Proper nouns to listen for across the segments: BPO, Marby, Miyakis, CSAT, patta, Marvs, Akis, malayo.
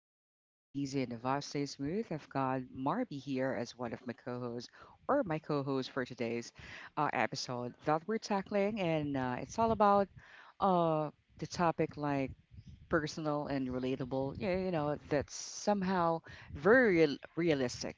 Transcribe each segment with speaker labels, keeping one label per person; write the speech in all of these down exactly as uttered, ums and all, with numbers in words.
Speaker 1: conversation flow easy and the vibe stays smooth. I've got Marby here as one of my co-hosts or my co-host for today's uh, episode that we're tackling, and uh, it's all about uh, the topic like personal and relatable. Yeah, you know that's somehow very real- realistic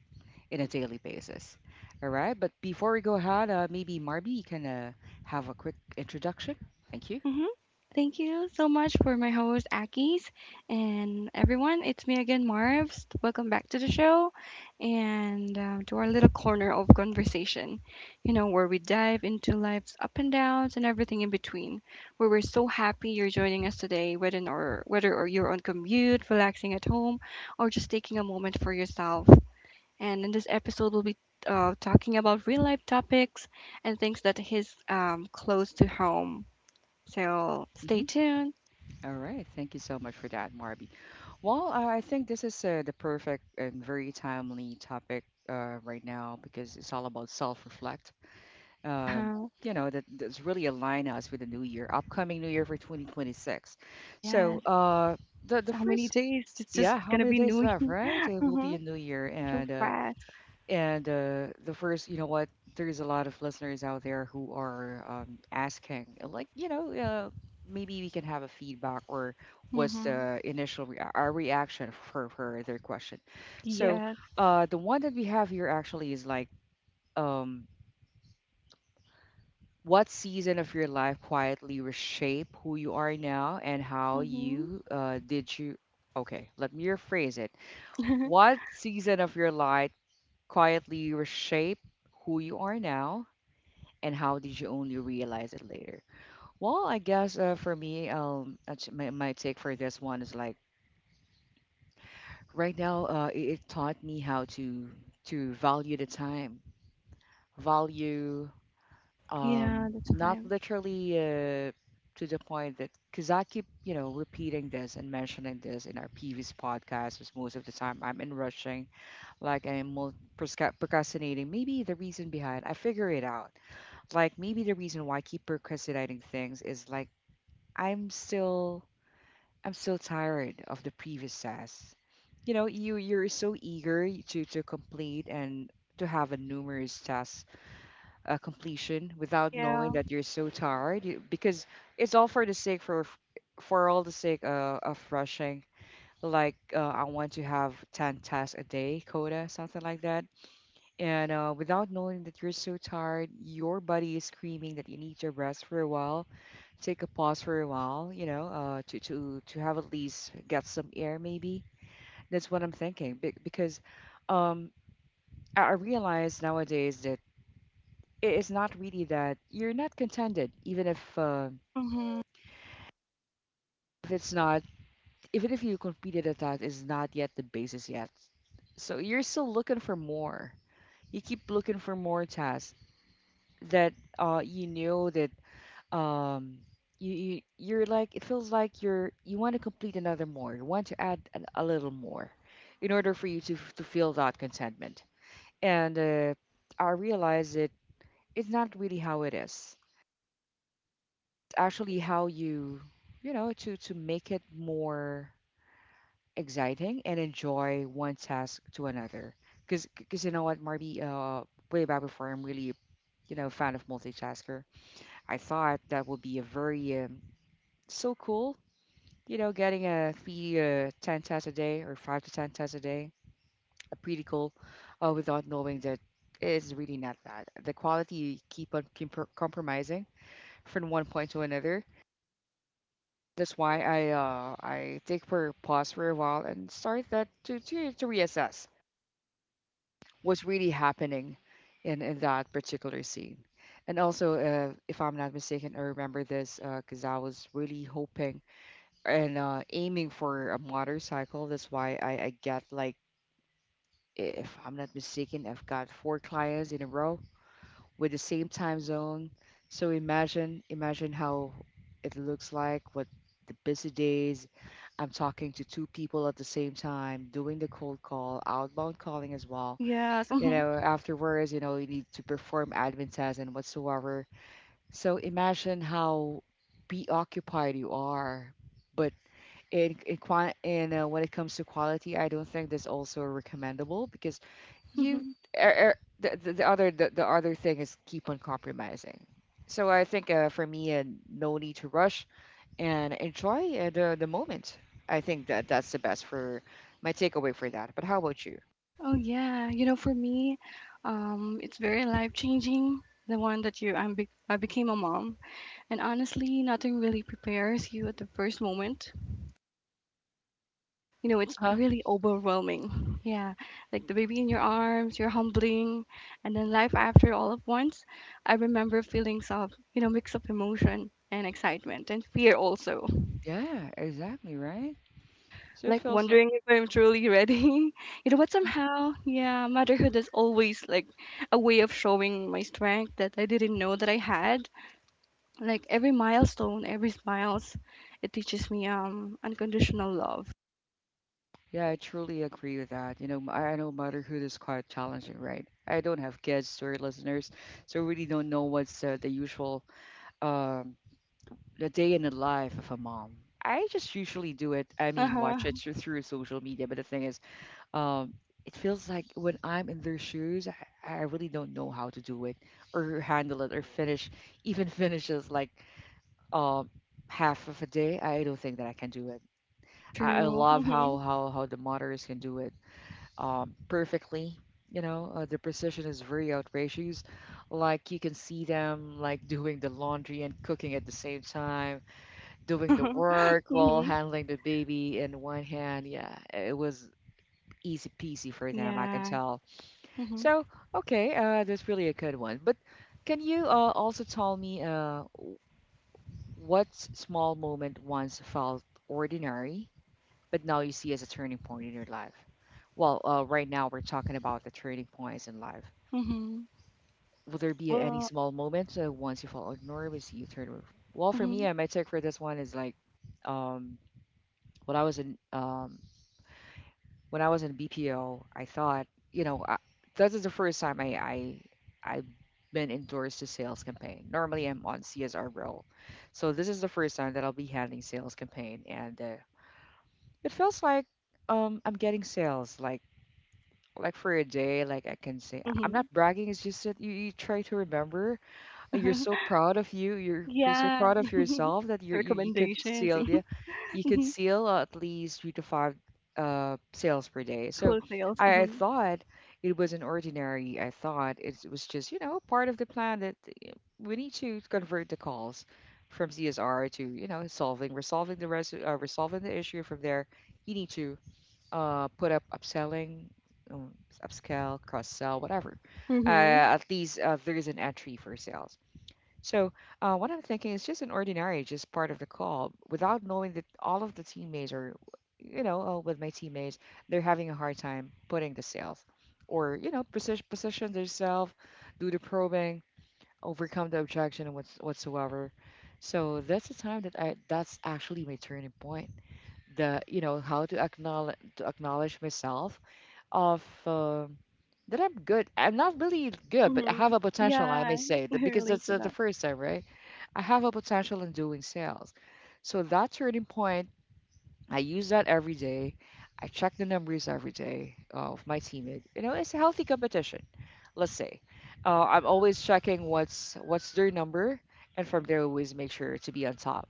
Speaker 1: in a daily basis. All right, but before we go ahead, uh, maybe Marby you can uh, have a quick introduction. Thank you.
Speaker 2: hmm Thank you so much for my host, Akis, and everyone. It's me again, Marvs. Welcome back to the show and uh, to our little corner of conversation, you know, where we dive into life's up and downs and everything in between. Where we're so happy you're joining us today, whether or whether or you're on commute, relaxing at home, or just taking a moment for yourself. And in this episode, we'll be uh, talking about real life topics and things that his um, close to home so stay tuned.
Speaker 1: All right. Thank you so much for that, Marby. Well, uh, I think this is uh, the perfect and very timely topic uh, right now because it's all about self-reflect. Um,
Speaker 2: Uh-huh.
Speaker 1: you know, that that's really align us with the new year, upcoming new year for twenty twenty-six. So,
Speaker 2: Yes.
Speaker 1: uh, the the
Speaker 2: How many
Speaker 1: first,
Speaker 2: days? It's
Speaker 1: yeah,
Speaker 2: just
Speaker 1: how
Speaker 2: gonna
Speaker 1: many
Speaker 2: be
Speaker 1: days
Speaker 2: new.
Speaker 1: left, right? It will be
Speaker 2: Uh-huh.
Speaker 1: a new year,
Speaker 2: So
Speaker 1: and uh,
Speaker 2: fast.
Speaker 1: and uh, the first, you know what, there's a lot of listeners out there who are um, asking, uh, like, you know, uh, maybe we can have a feedback or what's
Speaker 2: Mm-hmm.
Speaker 1: the initial rea- our reaction for, for their question. So
Speaker 2: Yes.
Speaker 1: uh, the one that we have here actually is like, um, what season of your life quietly reshape who you are now and how
Speaker 2: Mm-hmm.
Speaker 1: you uh, did you? Okay, let me rephrase it. What season of your life quietly reshape who you are now and how did you only realize it later? Well, I guess uh, for me, um, that's my, my take for this one is like right now, uh, it, it taught me how to to value the time, value
Speaker 2: Yeah,
Speaker 1: um,
Speaker 2: the
Speaker 1: not
Speaker 2: time.
Speaker 1: literally uh, to the point that because I keep you know repeating this and mentioning this in our previous podcast, is most of the time I'm in rushing, like I'm mul- prosca- procrastinating. Maybe the reason behind I figure it out like maybe the reason why I keep procrastinating things is like I'm still I'm still tired of the previous tasks. You know, you you're so eager to to complete and to have a numerous task uh, completion without
Speaker 2: Yeah.
Speaker 1: knowing that you're so tired you, because it's all for the sake for for all the sake uh, of rushing. Like uh, I want to have ten tasks a day, quota, something like that. And uh, without knowing that you're so tired, your body is screaming that you need to rest for a while take a pause for a while, you know, uh, to to to have at least get some air maybe. That's what I'm thinking be- because um, I I realize nowadays that it is not really that you're not contented even if uh,
Speaker 2: Mm-hmm.
Speaker 1: if it's not even if you completed a task is not yet the basis yet. So you're still looking for more. You keep looking for more tasks that uh, you know that um you, you you're like it feels like you're you want to complete another more you want to add an, a little more in order for you to f- to feel that contentment and uh, I realize it it's not really how it is it's actually how you you know to to make it more exciting and enjoy one task to another because because you know what marby uh way back before I'm really you know a fan of multitasker I thought that would be a very um, so cool. You know, getting a three uh, ten tests a day or five to ten tests a day, a pretty cool, uh, without knowing that it's really not bad. The quality you keep on com- compromising from one point to another. That's why I uh, I take for pause for a while and start that to, to, to reassess what's really happening in, in that particular scene. And also, uh, if I'm not mistaken, I remember this because I was really hoping and uh, aiming for a motorcycle. That's why I, I got like, if I'm not mistaken, I've got four clients in a row with the same time zone. So imagine, imagine how it looks like, what the busy days. I'm talking to two people at the same time, doing the cold call, outbound calling as well.
Speaker 2: Yes.
Speaker 1: You know,
Speaker 2: Mm-hmm.
Speaker 1: afterwards, you know, you need to perform admin tasks and whatsoever. So imagine how preoccupied you are, but in in, qua in uh, when it comes to quality, I don't think that's also recommendable because you
Speaker 2: Mm-hmm.
Speaker 1: er, er, the, the the other the, the other thing is keep on compromising. So I think uh, for me, uh, no need to rush and enjoy uh, the the moment. I think that that's the best for my takeaway for that. But how about you?
Speaker 2: Oh yeah, you know, for me, um, it's very life changing. The one that you, I'm, be- I became a mom, and honestly, nothing really prepares you at the first moment. You know it's
Speaker 1: Huh?
Speaker 2: really overwhelming, yeah, like the baby in your arms you're humbling, and then life after all at once. I remember feelings of, you know, mix of emotion and excitement and fear also,
Speaker 1: Yeah, exactly right. So it
Speaker 2: like
Speaker 1: feels.
Speaker 2: wondering if I'm truly ready. You know, but somehow, yeah, motherhood is always like a way of showing my strength that I didn't know that I had, like every milestone, every smiles, it teaches me um unconditional love.
Speaker 1: Yeah, I truly agree with that. You know, m- I I know motherhood is quite challenging, right? I don't have kids, sorry, listeners, so I really don't know what's uh, the usual um, the day in the life of a mom. I just usually do it. I mean, watch
Speaker 2: Uh-huh.
Speaker 1: it through, through social media. But the thing is, um, it feels like when I'm in their shoes, I, I really don't know how to do it or handle it or finish, even finishes like um, half of a day. I don't think that I can do it. I, I
Speaker 2: True.
Speaker 1: love how how how the mothers can do it um, perfectly. You know, uh, the precision is very outrageous. Like you can see them like doing the laundry and cooking at the same time, doing the work while
Speaker 2: Mm-hmm.
Speaker 1: handling the baby in one hand. Yeah, it was easy peasy for them, I can
Speaker 2: Yeah.
Speaker 1: tell.
Speaker 2: Mhm.
Speaker 1: So, okay, uh, that's really a good one. But can you uh, also tell me uh, w- what s- small moment once felt ordinary, but now you see as a turning point in your life? Well, uh, right now we're talking about the turning points in life.
Speaker 2: Mhm.
Speaker 1: Will there be any
Speaker 2: Well.
Speaker 1: small moments uh, once you fall nervous you turn over? Well, for me,
Speaker 2: Mhm.
Speaker 1: uh, my take for this one is like, um, when I was in um, when I was in B P O, I thought, you know, I, this is the first time I I I've been endorsed to sales campaign. Normally, I'm on C S R role, so this is the first time that I'll be handling sales campaign, and uh, it feels like um, I'm getting sales like like for a day like I can say I'm not
Speaker 2: Mhm.
Speaker 1: bragging it's just that you, you try to remember. Uh, You're so proud of you. You're pr- so
Speaker 2: Yeah.
Speaker 1: proud of yourself that you're you, you could
Speaker 2: Recommendations.
Speaker 1: seal, yeah, you could
Speaker 2: Mhm.
Speaker 1: seal uh, at least three to five uh sales per day. So
Speaker 2: Close sales.
Speaker 1: I, I
Speaker 2: Mhm.
Speaker 1: thought it wasn't ordinary. I thought it was just you know part of the plan that uh, we need to convert the calls from C S R to you know solving resolving the res uh, resolving the issue. From there, you need to uh put up upselling, um, upscale, cross sell, whatever
Speaker 2: Mhm.
Speaker 1: uh, at least uh, there is an entry for sales. So, uh, what I'm thinking is just an ordinary, just part of the call, without knowing that all of the teammates are, you know, uh, with my teammates, they're having a hard time putting the sales or, you know, position, position themselves, do the probing, overcome the objection and what's, whatsoever. So that's the time that I, that's actually my turning point. The, you know, how to acknowledge, to acknowledge myself of, Uh, that I'm good. I'm not really good, but I have
Speaker 2: Mhm.
Speaker 1: a potential, I may
Speaker 2: Yeah.
Speaker 1: say, that
Speaker 2: I
Speaker 1: because
Speaker 2: relate
Speaker 1: that's
Speaker 2: to
Speaker 1: uh, the
Speaker 2: that.
Speaker 1: first time, right? I have a potential in doing sales. So that turning point, I use that every day. I check the numbers every day uh, of my teammate. You know, it's a healthy competition. Let's say uh, I'm always checking what's what's their number, and from there, always make sure to be on top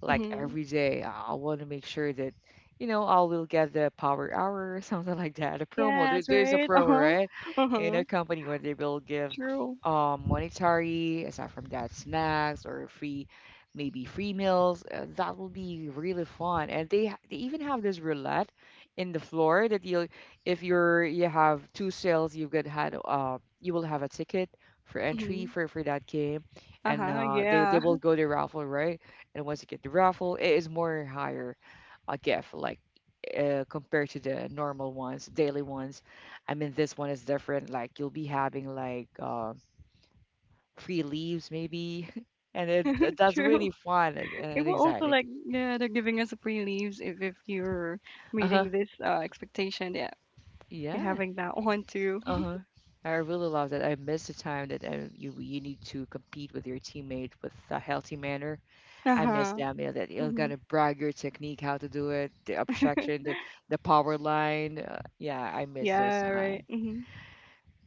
Speaker 1: like
Speaker 2: Mhm.
Speaker 1: every day. I want to make sure that, you know, I will get the power hour or something like that. A promo. There,
Speaker 2: Yes.
Speaker 1: there's a
Speaker 2: Right. Uh
Speaker 1: promo,
Speaker 2: huh.
Speaker 1: right?
Speaker 2: Uh
Speaker 1: In
Speaker 2: huh.
Speaker 1: a company where they will give
Speaker 2: True.
Speaker 1: um monetary, aside from that, snacks or free, maybe free meals. Uh, that will be really fun. And they ha- they even have this roulette in the floor that you'll if you're you have two sales, you've got had uh you will have a ticket for entry
Speaker 2: Mhm.
Speaker 1: for for that game
Speaker 2: Uh
Speaker 1: and
Speaker 2: huh.
Speaker 1: uh, they they
Speaker 2: Yeah.
Speaker 1: will go to raffle, right? And once you get the raffle, it is more higher a gift like uh, compared to the normal ones, daily ones. I mean, this one is different. Like you'll be having like uh, free leaves maybe, and it, that- that's
Speaker 2: True.
Speaker 1: really fun and,
Speaker 2: It
Speaker 1: and
Speaker 2: will also
Speaker 1: exciting.
Speaker 2: like, yeah, they're giving us free leaves if if you're
Speaker 1: Uh huh.
Speaker 2: meeting this uh expectation, yeah, you're
Speaker 1: Yeah.
Speaker 2: having that one too.
Speaker 1: Uh huh. I really love that. I miss the time that um, you you need to compete with your teammate with a healthy manner.
Speaker 2: Uh
Speaker 1: I miss
Speaker 2: huh.
Speaker 1: them. Yeah, that you're
Speaker 2: Mhm.
Speaker 1: gonna brag your technique, how to do it, the obstruction, the, the power line. Uh, yeah, I miss those
Speaker 2: Yeah.
Speaker 1: time.
Speaker 2: Right. Mhm.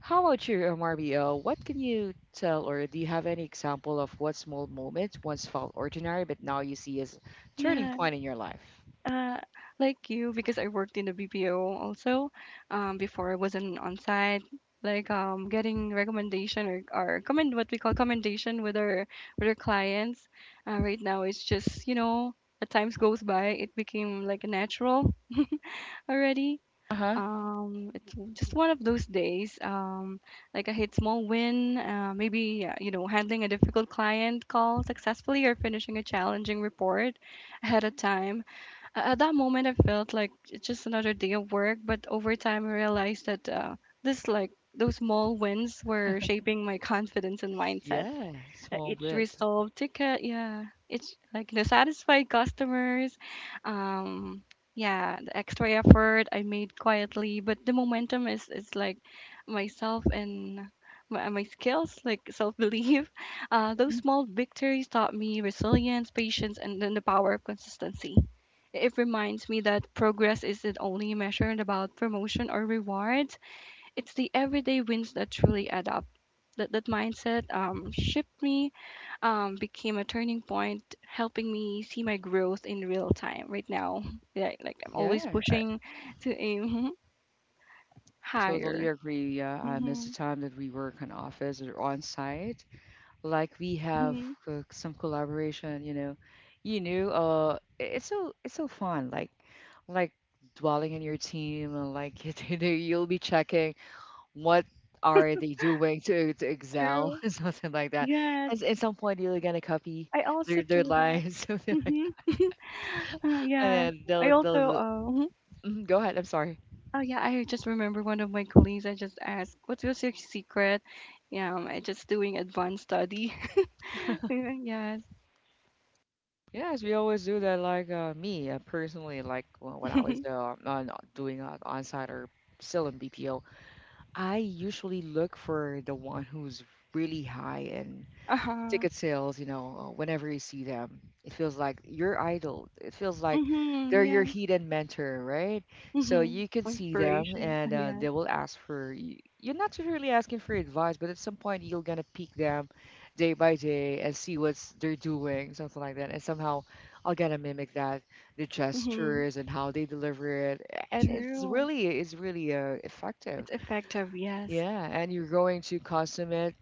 Speaker 1: How about you, M R B O? What can you tell, or do you have any example of what small moment once felt ordinary, but now you see as turning
Speaker 2: Yeah.
Speaker 1: point in your life?
Speaker 2: Uh, like you, because I worked in the B P O also, um, before I was in on site, like um, getting recommendation, or, or comment what we call commendation with our with our clients. Uh, right now, it's just, you know, as times goes by, it became like a natural already.
Speaker 1: Uh huh.
Speaker 2: Um, it's just one of those days. Um, like a hit small win, uh, maybe uh, you know, handling a difficult client call successfully or finishing a challenging report ahead of time. a- At that moment, I felt like it's just another day of work, but over time, I realized that, uh, this, like, those small wins were shaping my confidence and mindset.
Speaker 1: Yeah,
Speaker 2: Uh,
Speaker 1: small
Speaker 2: Each
Speaker 1: bits.
Speaker 2: resolved ticket, yeah, it's like the satisfied customers, um, yeah, the extra effort I made quietly, but the momentum is is like myself and my, my skills, like self belief. Uh, those
Speaker 1: Mm.
Speaker 2: small victories taught me resilience, patience, and then the power of consistency. It reminds me that progress isn't only measured about promotion or rewards, it's the everyday wins that truly add up. That, that mindset um, shipped me, um, became a turning point, helping me see my growth in real time right now. Yeah, like I'm always
Speaker 1: Yeah, I
Speaker 2: pushing to aim
Speaker 1: totally
Speaker 2: higher.
Speaker 1: agree. Yeah, I miss the
Speaker 2: hmm
Speaker 1: time that we work in office or on site. Like we have
Speaker 2: hmm
Speaker 1: uh, some collaboration. You know you know uh i- it's so, it's so fun, like like dwelling in your team and like, you know, you'll be checking what are they doing to to excel,
Speaker 2: True.
Speaker 1: and something like that.
Speaker 2: Yes,
Speaker 1: And at some point you're gonna copy
Speaker 2: I
Speaker 1: their
Speaker 2: also
Speaker 1: their
Speaker 2: do that.
Speaker 1: lines, something like that.
Speaker 2: hmm uh,
Speaker 1: And then
Speaker 2: yes, I
Speaker 1: they'll
Speaker 2: also.
Speaker 1: they'll they'll-
Speaker 2: Uh,
Speaker 1: Mhm, go ahead, I'm sorry.
Speaker 2: Oh yeah, I just remember one of my colleagues. I just asked, "What was your secret?" Yeah, um, I just doing advanced study. Yes.
Speaker 1: Yes, we always do that. Like uh, me, uh, personally, like, well, when I was uh, on, doing uh, on-site or still in B P O, I usually look for the one who's really high in
Speaker 2: Uh huh.
Speaker 1: ticket sales, you know, uh, whenever you see them. It feels like your idol. It feels like
Speaker 2: Mhm.
Speaker 1: they're
Speaker 2: Yeah.
Speaker 1: your hidden mentor, right? So
Speaker 2: Mhm.
Speaker 1: you can see them
Speaker 2: Inspiration. Uh,
Speaker 1: and uh,
Speaker 2: yeah.
Speaker 1: they will ask for, y- you're not really asking for advice, but at some point you're gonna peek them day by day and see what's they're doing, something like that. And somehow I'll gonna mimic that, the
Speaker 2: Mhm.
Speaker 1: gestures and how they deliver it. And it's
Speaker 2: True.
Speaker 1: really, it's really uh, effective.
Speaker 2: It's effective. Yes.
Speaker 1: Yeah, and you're going to consummate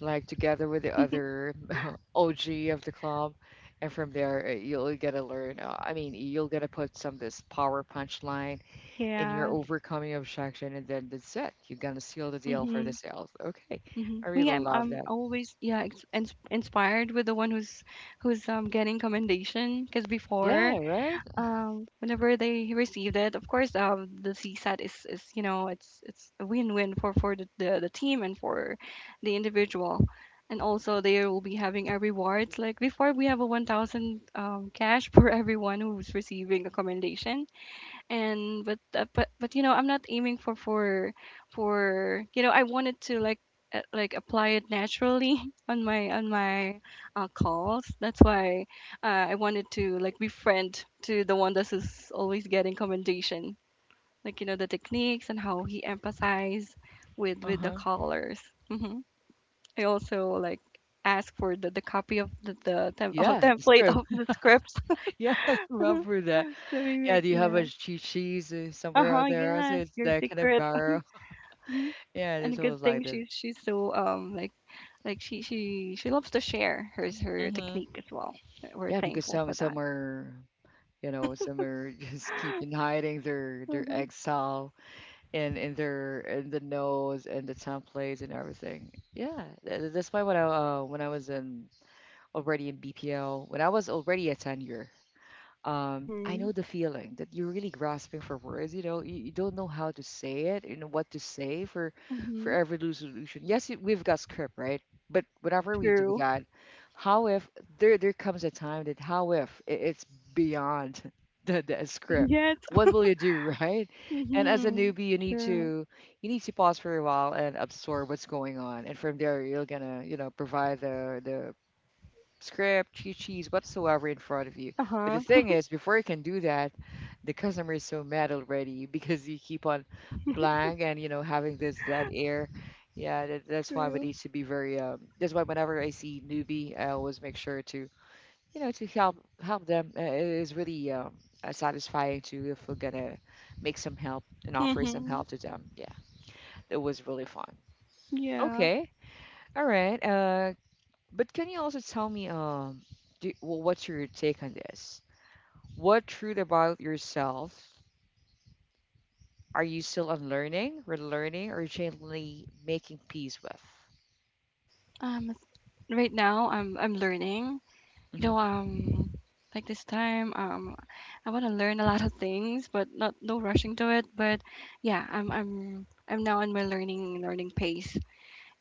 Speaker 1: like together with the other O G of the club, and from there uh, you'll get to learn. Uh, I mean, you'll get to put some this power punchline in your
Speaker 2: Yes.
Speaker 1: overcoming objection, and then that's it. You're gonna seal the deal for the
Speaker 2: Mhm.
Speaker 1: sales. Okay,
Speaker 2: Mhm.
Speaker 1: I really
Speaker 2: Me, I'm
Speaker 1: love
Speaker 2: I'm
Speaker 1: that.
Speaker 2: always, yeah, ex- ins- inspired with the one who's who's um getting commendation because before
Speaker 1: Yeah, right.
Speaker 2: um whenever they received it, of course, um the csat is is you know it's it's a win-win for for the, the the team and for the individual, and also they will be having a rewards, like before we have a one thousand um cash for everyone who's receiving a commendation, and but uh, but but you know I'm not aiming for for for you know, I wanted to like uh, like apply it naturally on my on my uh, calls, that's why uh, I wanted to like befriend to the one that is always getting commendation, like, you know, the techniques and how he empathize with
Speaker 1: Uh
Speaker 2: with the
Speaker 1: huh.
Speaker 2: callers. hmm I also like ask for the, the copy of the, the tem- oh,
Speaker 1: Yeah, the
Speaker 2: template
Speaker 1: script.
Speaker 2: of the scripts.
Speaker 1: Yeah, I
Speaker 2: So
Speaker 1: remember that.
Speaker 2: maybe
Speaker 1: Yeah,
Speaker 2: like,
Speaker 1: do you have
Speaker 2: yeah.
Speaker 1: a cheat sheet uh, somewhere
Speaker 2: Uh-huh,
Speaker 1: out there? I say
Speaker 2: yes,
Speaker 1: it's
Speaker 2: your
Speaker 1: that kind of
Speaker 2: secret.
Speaker 1: borrow.
Speaker 2: And
Speaker 1: Yeah,
Speaker 2: a
Speaker 1: it's
Speaker 2: good
Speaker 1: always
Speaker 2: thing
Speaker 1: like that.
Speaker 2: she's she's so um like like she she she loves to share her her technique
Speaker 1: Mm-hmm.
Speaker 2: as well. We're
Speaker 1: Yeah, because
Speaker 2: thankful
Speaker 1: some
Speaker 2: for that.
Speaker 1: some are. You know, some are just keeping hiding their their
Speaker 2: Mhm.
Speaker 1: exile and in their in the nose and the templates and everything. Yeah, tha- tha- that's why when I uh, when I was in already in B P L, when I was already a tenure, um, I know
Speaker 2: Mhm.
Speaker 1: the feeling that you're really grasping for words. You know, you, you don't know how to say it, you know what to say for for
Speaker 2: Mhm.
Speaker 1: every resolution. Yes, you- we've got script, right? But whenever we do
Speaker 2: True.
Speaker 1: that, how if there there comes a time that how if I- it's beyond the, the script?
Speaker 2: Yes.
Speaker 1: What will you do, right? And as a
Speaker 2: Mhm.
Speaker 1: newbie, you need
Speaker 2: True.
Speaker 1: to you need to pause for a while and absorb what's going on, and from there you're gonna, you know, provide the the script, cheat sheets, whatsoever in front of you.
Speaker 2: Uh
Speaker 1: But the
Speaker 2: huh.
Speaker 1: thing is, before you can do that, the customer is so mad already because you keep on blank and, you know, having this that air. Yeah, that, that's why we
Speaker 2: True.
Speaker 1: need to be very. Um, that's why whenever I see newbie, I always make sure to, you know, to help help them. Uh, It is really um, uh, satisfying to if we're gonna make some help and offer some
Speaker 2: Mhm.
Speaker 1: help to them. Yeah, that was really fun.
Speaker 2: Yeah.
Speaker 1: Okay, all right. Uh, but can you also tell me, um, do, well, what's your take on this? What truth about yourself are you still unlearning, relearning, or gently making peace with?
Speaker 2: Um. Right now, I'm I'm learning. You
Speaker 1: Hmm.
Speaker 2: know. Um. Like this time, um, I want to learn a lot of things, but not no rushing to it. But yeah, I'm I'm I'm now on my learning learning pace.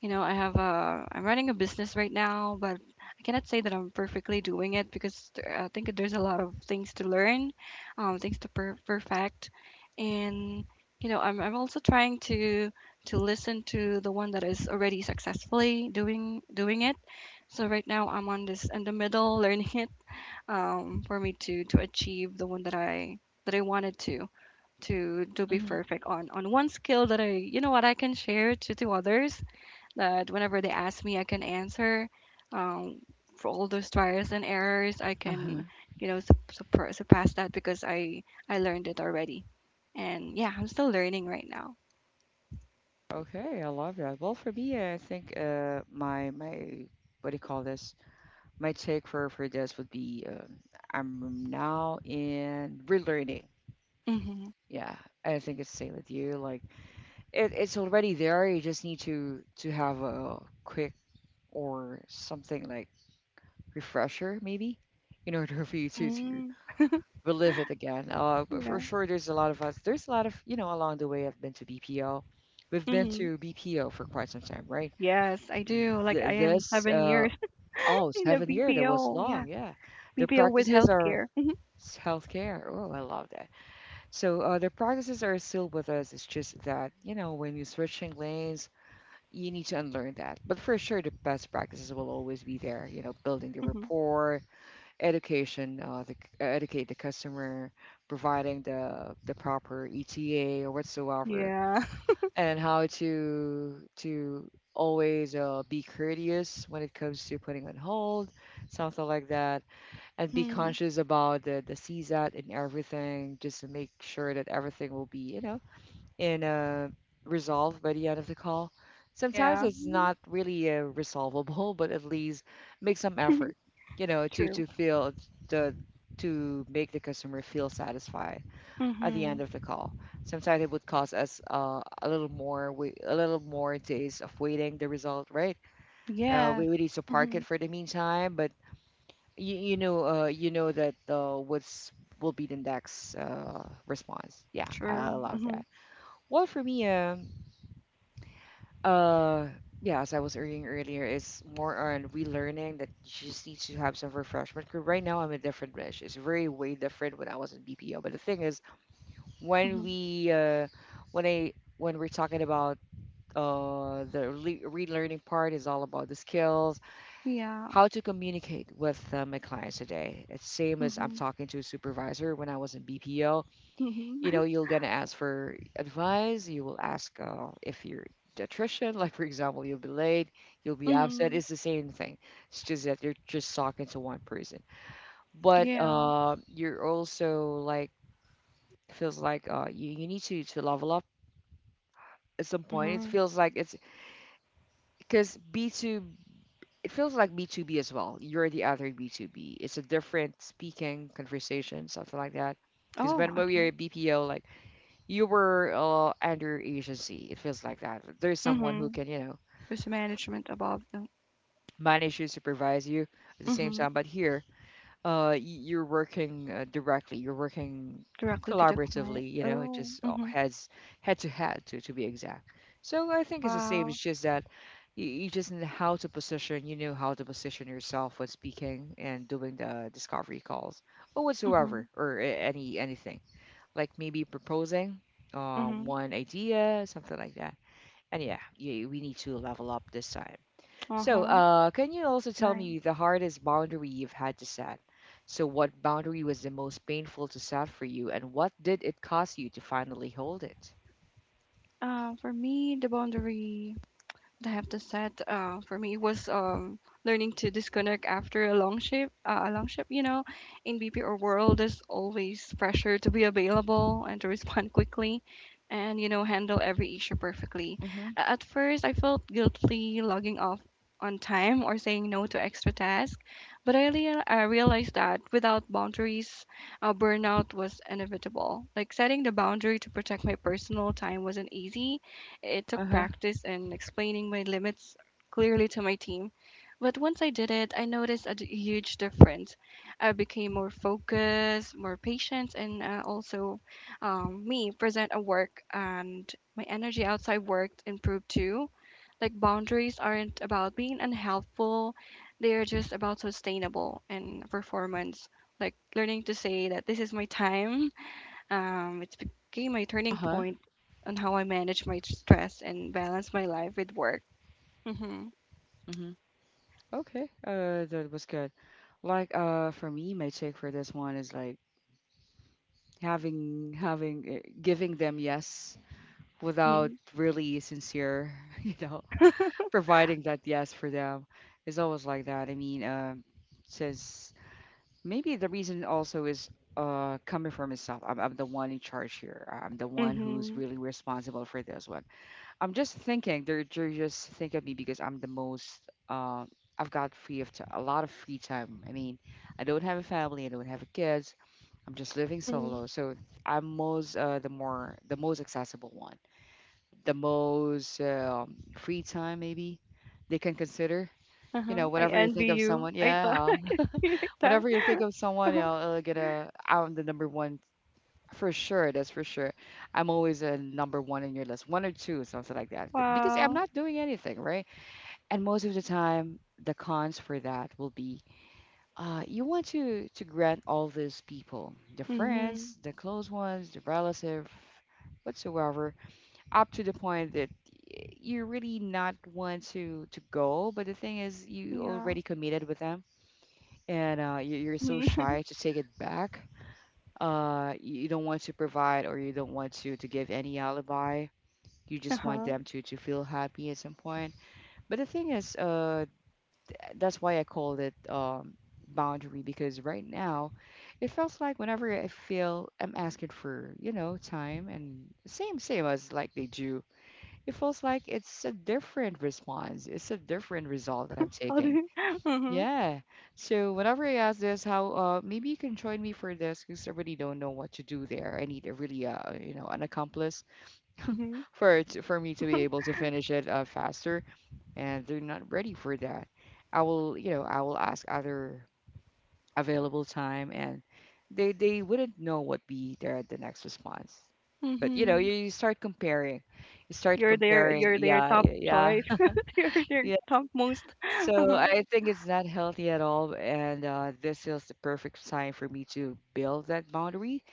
Speaker 2: You know, I have a I'm running a business right now, but I cannot say that I'm perfectly doing it because th- I think there's a lot of things to learn, um, things to per perfect, and you know, I'm I'm also trying to to listen to the one that is already successfully doing doing it. So right now I'm on this in the middle learning it, um, for me to to achieve the one that I that I wanted to to to be
Speaker 1: Hmm.
Speaker 2: perfect on on one skill that I, you know, what I can share to to others, that whenever they ask me, I can answer. Um, for all those trials and errors, I
Speaker 1: Uh-huh.
Speaker 2: can, you know, sup- supr- surpass that because I I learned it already, and yeah, I'm still learning right now.
Speaker 1: Okay, I love that. Well, for me, I think uh, my my, what do you call this? My take for for this would be, um, I'm now in relearning.
Speaker 2: Mm-hmm.
Speaker 1: Yeah, I think it's same with you. Like it, it's already there. You just need to to have a quick or something like refresher maybe in order for you to to
Speaker 2: Mm-hmm.
Speaker 1: relive it again. Uh, but for
Speaker 2: Yeah.
Speaker 1: sure there's a lot of us, there's a lot of, you know, along the way I've been to B P O. We've been
Speaker 2: Mm-hmm.
Speaker 1: to B P O for quite some time, right?
Speaker 2: Yes, I do. Like I
Speaker 1: Th-
Speaker 2: am
Speaker 1: this
Speaker 2: seven
Speaker 1: uh
Speaker 2: years
Speaker 1: Oh,
Speaker 2: in the
Speaker 1: seven year, that was
Speaker 2: B P O. Yeah,
Speaker 1: long, yeah. The
Speaker 2: B P O with
Speaker 1: practices are
Speaker 2: healthcare. Mm-hmm.
Speaker 1: s- healthcare, oh, I love that. So, uh, the practices are still with us. It's just that, you know, when you're switching lanes you need to unlearn that. But for sure, the best practices will always be there. You know, building the
Speaker 2: Mm-hmm.
Speaker 1: rapport, education, uh, the, uh, educate the customer, providing the the proper E T A or whatsoever,
Speaker 2: Yeah.
Speaker 1: and how to to always uh, be courteous when it comes to putting on hold, something like that, and be
Speaker 2: Mm-hmm.
Speaker 1: conscious about the the C sat and everything, just to make sure that everything will be, you know, in a resolve by the end of the call. Sometimes
Speaker 2: Yeah.
Speaker 1: it's not really uh, resolvable, but at least make some effort, you know, to
Speaker 2: True.
Speaker 1: to feel the to make the customer feel satisfied at the end
Speaker 2: Mm-hmm.
Speaker 1: of the call. Sometimes it would cost us uh, a little more wait, a little more days of waiting the result, right? Uh,
Speaker 2: Yes.
Speaker 1: we we need to park
Speaker 2: Mm-hmm.
Speaker 1: it for the meantime, but you, you know uh, you know that uh, what's will be the next uh, response. Yeah, I
Speaker 2: True.
Speaker 1: love
Speaker 2: Mm-hmm.
Speaker 1: that. Well, for me, um, uh, yeah, as I was arguing earlier, it's more on relearning that you just need to have some refreshment. 'Cause right now, I'm a different Mish. It's very way different when I was in B P O. But the thing is, when
Speaker 2: Mm-hmm.
Speaker 1: we, uh, when I, when we're talking about uh the le- relearning part is all about the skills,
Speaker 2: Yeah.
Speaker 1: how to communicate with uh, my clients today. It's same as I'm
Speaker 2: Mhm.
Speaker 1: talking to a supervisor when I was in B P O.
Speaker 2: Mhm.
Speaker 1: You know, you're gonna ask for advice, you will ask uh, if you're attrition, like for example you'll be late, you'll be upset,
Speaker 2: Mhm.
Speaker 1: it's the same thing. It's just that you're just talking to one person, but
Speaker 2: Yeah.
Speaker 1: uh, you're also like feels like uh, you, you need to, to level up. At some point it
Speaker 2: Mhm.
Speaker 1: feels like it's because B two it feels like B two B as well, you're the other B two B, it's a different speaking conversation, something like that. Because
Speaker 2: Oh,
Speaker 1: when we
Speaker 2: okay.
Speaker 1: are bpo, like, you were uh, under agency. It feels like that. There's someone who
Speaker 2: Mhm.
Speaker 1: can, you know,
Speaker 2: There's management above them.
Speaker 1: manage you, supervise you at the same
Speaker 2: Mhm.
Speaker 1: time. But here, uh, y- you're working uh, directly. You're working
Speaker 2: Directly to the client.
Speaker 1: collaboratively. You know, it
Speaker 2: Oh.
Speaker 1: just uh,
Speaker 2: Mhm.
Speaker 1: heads head to head, to to be exact. So I think it's the same.
Speaker 2: Wow.
Speaker 1: It's just that you, you just know how to position. You know how to position yourself when speaking and doing the discovery calls or
Speaker 2: Mhm.
Speaker 1: whatsoever, or a- any anything like maybe proposing uh,
Speaker 2: Mhm.
Speaker 1: one idea, something like that. And yeah, you, we need to level up this time. So,
Speaker 2: Uh-huh.
Speaker 1: uh, can you also tell me
Speaker 2: Nice.
Speaker 1: the hardest boundary you've had to set? So, what boundary was the most painful to set for you, and what did it cost you to finally hold it?
Speaker 2: Uh, for me, the boundary that I have to set, uh, for me was, um, learning to disconnect after a long shift. Uh, a long shift, you know, in B P O world, there's always pressure to be available and to respond quickly, and you know, handle every issue perfectly.
Speaker 1: Mm-hmm.
Speaker 2: A- At first, I felt guilty logging off on time or saying no to extra tasks, but I, rea- I realized that without boundaries, uh, burnout was inevitable. Like setting the boundary to protect my personal time wasn't easy, it took
Speaker 1: Uh-huh.
Speaker 2: practice and explaining my limits clearly to my team. But once I did it, I noticed a d- huge difference. I became more focused, more patient, and uh, also, um, me present at work. And my energy outside work improved too. Like boundaries aren't about being unhelpful; they are just about sustainable and performance. Like learning to say that this is my time, um, it became my turning
Speaker 1: Uh-huh.
Speaker 2: point on how I manage my stress and balance my life with work. Mm-hmm.
Speaker 1: Mm-hmm. Okay. Uh, that was good. Like, uh, for me, my take for this one is like having having uh, giving them yes without
Speaker 2: Mm-hmm.
Speaker 1: really sincere, you know. Providing that yes for them is always like that. I mean, um, says maybe the reason also is uh coming from myself. I'm, I'm the one in charge here. I'm the one who's
Speaker 2: Mm-hmm.
Speaker 1: really responsible for this one. I'm just thinking they're, they're just thinking of me because I'm the most. Uh, I've got free of t- a lot of free time. I mean, I don't have a family. I don't have kids. I'm just living
Speaker 2: Mm-hmm.
Speaker 1: solo, so I'm most uh, the more the most accessible one, the most, um, free time, maybe they can consider, you
Speaker 2: Uh-huh.
Speaker 1: know,
Speaker 2: I
Speaker 1: whenever you think
Speaker 2: envy
Speaker 1: of
Speaker 2: you.
Speaker 1: someone,
Speaker 2: I thought
Speaker 1: yeah,
Speaker 2: I could be like that.
Speaker 1: whenever you think of someone, you
Speaker 2: Uh-huh.
Speaker 1: know, it'll get a, I'm the number one for sure. That's for sure. I'm always a number one in your list, one or two, something like that, because I'm
Speaker 2: Wow.
Speaker 1: not doing anything, right? And most of the time, the cons for that will be, uh, you want to to grant all these people, the
Speaker 2: Mm-hmm.
Speaker 1: friends, the close ones, the relative, whatsoever, up to the point that y- you really not want to to go, but the thing is you
Speaker 2: Yeah.
Speaker 1: already committed with them and, uh, you- you're so
Speaker 2: Mm-hmm.
Speaker 1: shy to take it back. Uh, you don't want to provide or you don't want to, to give any alibi. You just want
Speaker 2: Uh-huh.
Speaker 1: them to, to feel happy at some point. But the thing is, uh, that's why I called it um, boundary because right now it feels like whenever I feel I'm asking for, you know, time and same, same as like they do, it feels like it's a different response. It's a different result that I'm
Speaker 2: How do
Speaker 1: taking.
Speaker 2: you... Mm-hmm.
Speaker 1: Yeah. So whenever I ask this, how uh maybe you can join me for this because I really don't know what to do there. I need a really uh you know an accomplice
Speaker 2: Mm-hmm.
Speaker 1: for it for me to be able to finish it uh faster, and they're not ready for that. I will, you know, I will ask other available time, and they they wouldn't know what be their the next response. But you know
Speaker 2: Mm-hmm.
Speaker 1: you, you start comparing, you start
Speaker 2: You're their
Speaker 1: comparing.
Speaker 2: you're their
Speaker 1: Yeah,
Speaker 2: top
Speaker 1: yeah,
Speaker 2: choice. You're their
Speaker 1: yeah.
Speaker 2: top most.
Speaker 1: So
Speaker 2: Uh-huh.
Speaker 1: I think it's not healthy at all, and uh, this is the perfect time for me to build that boundary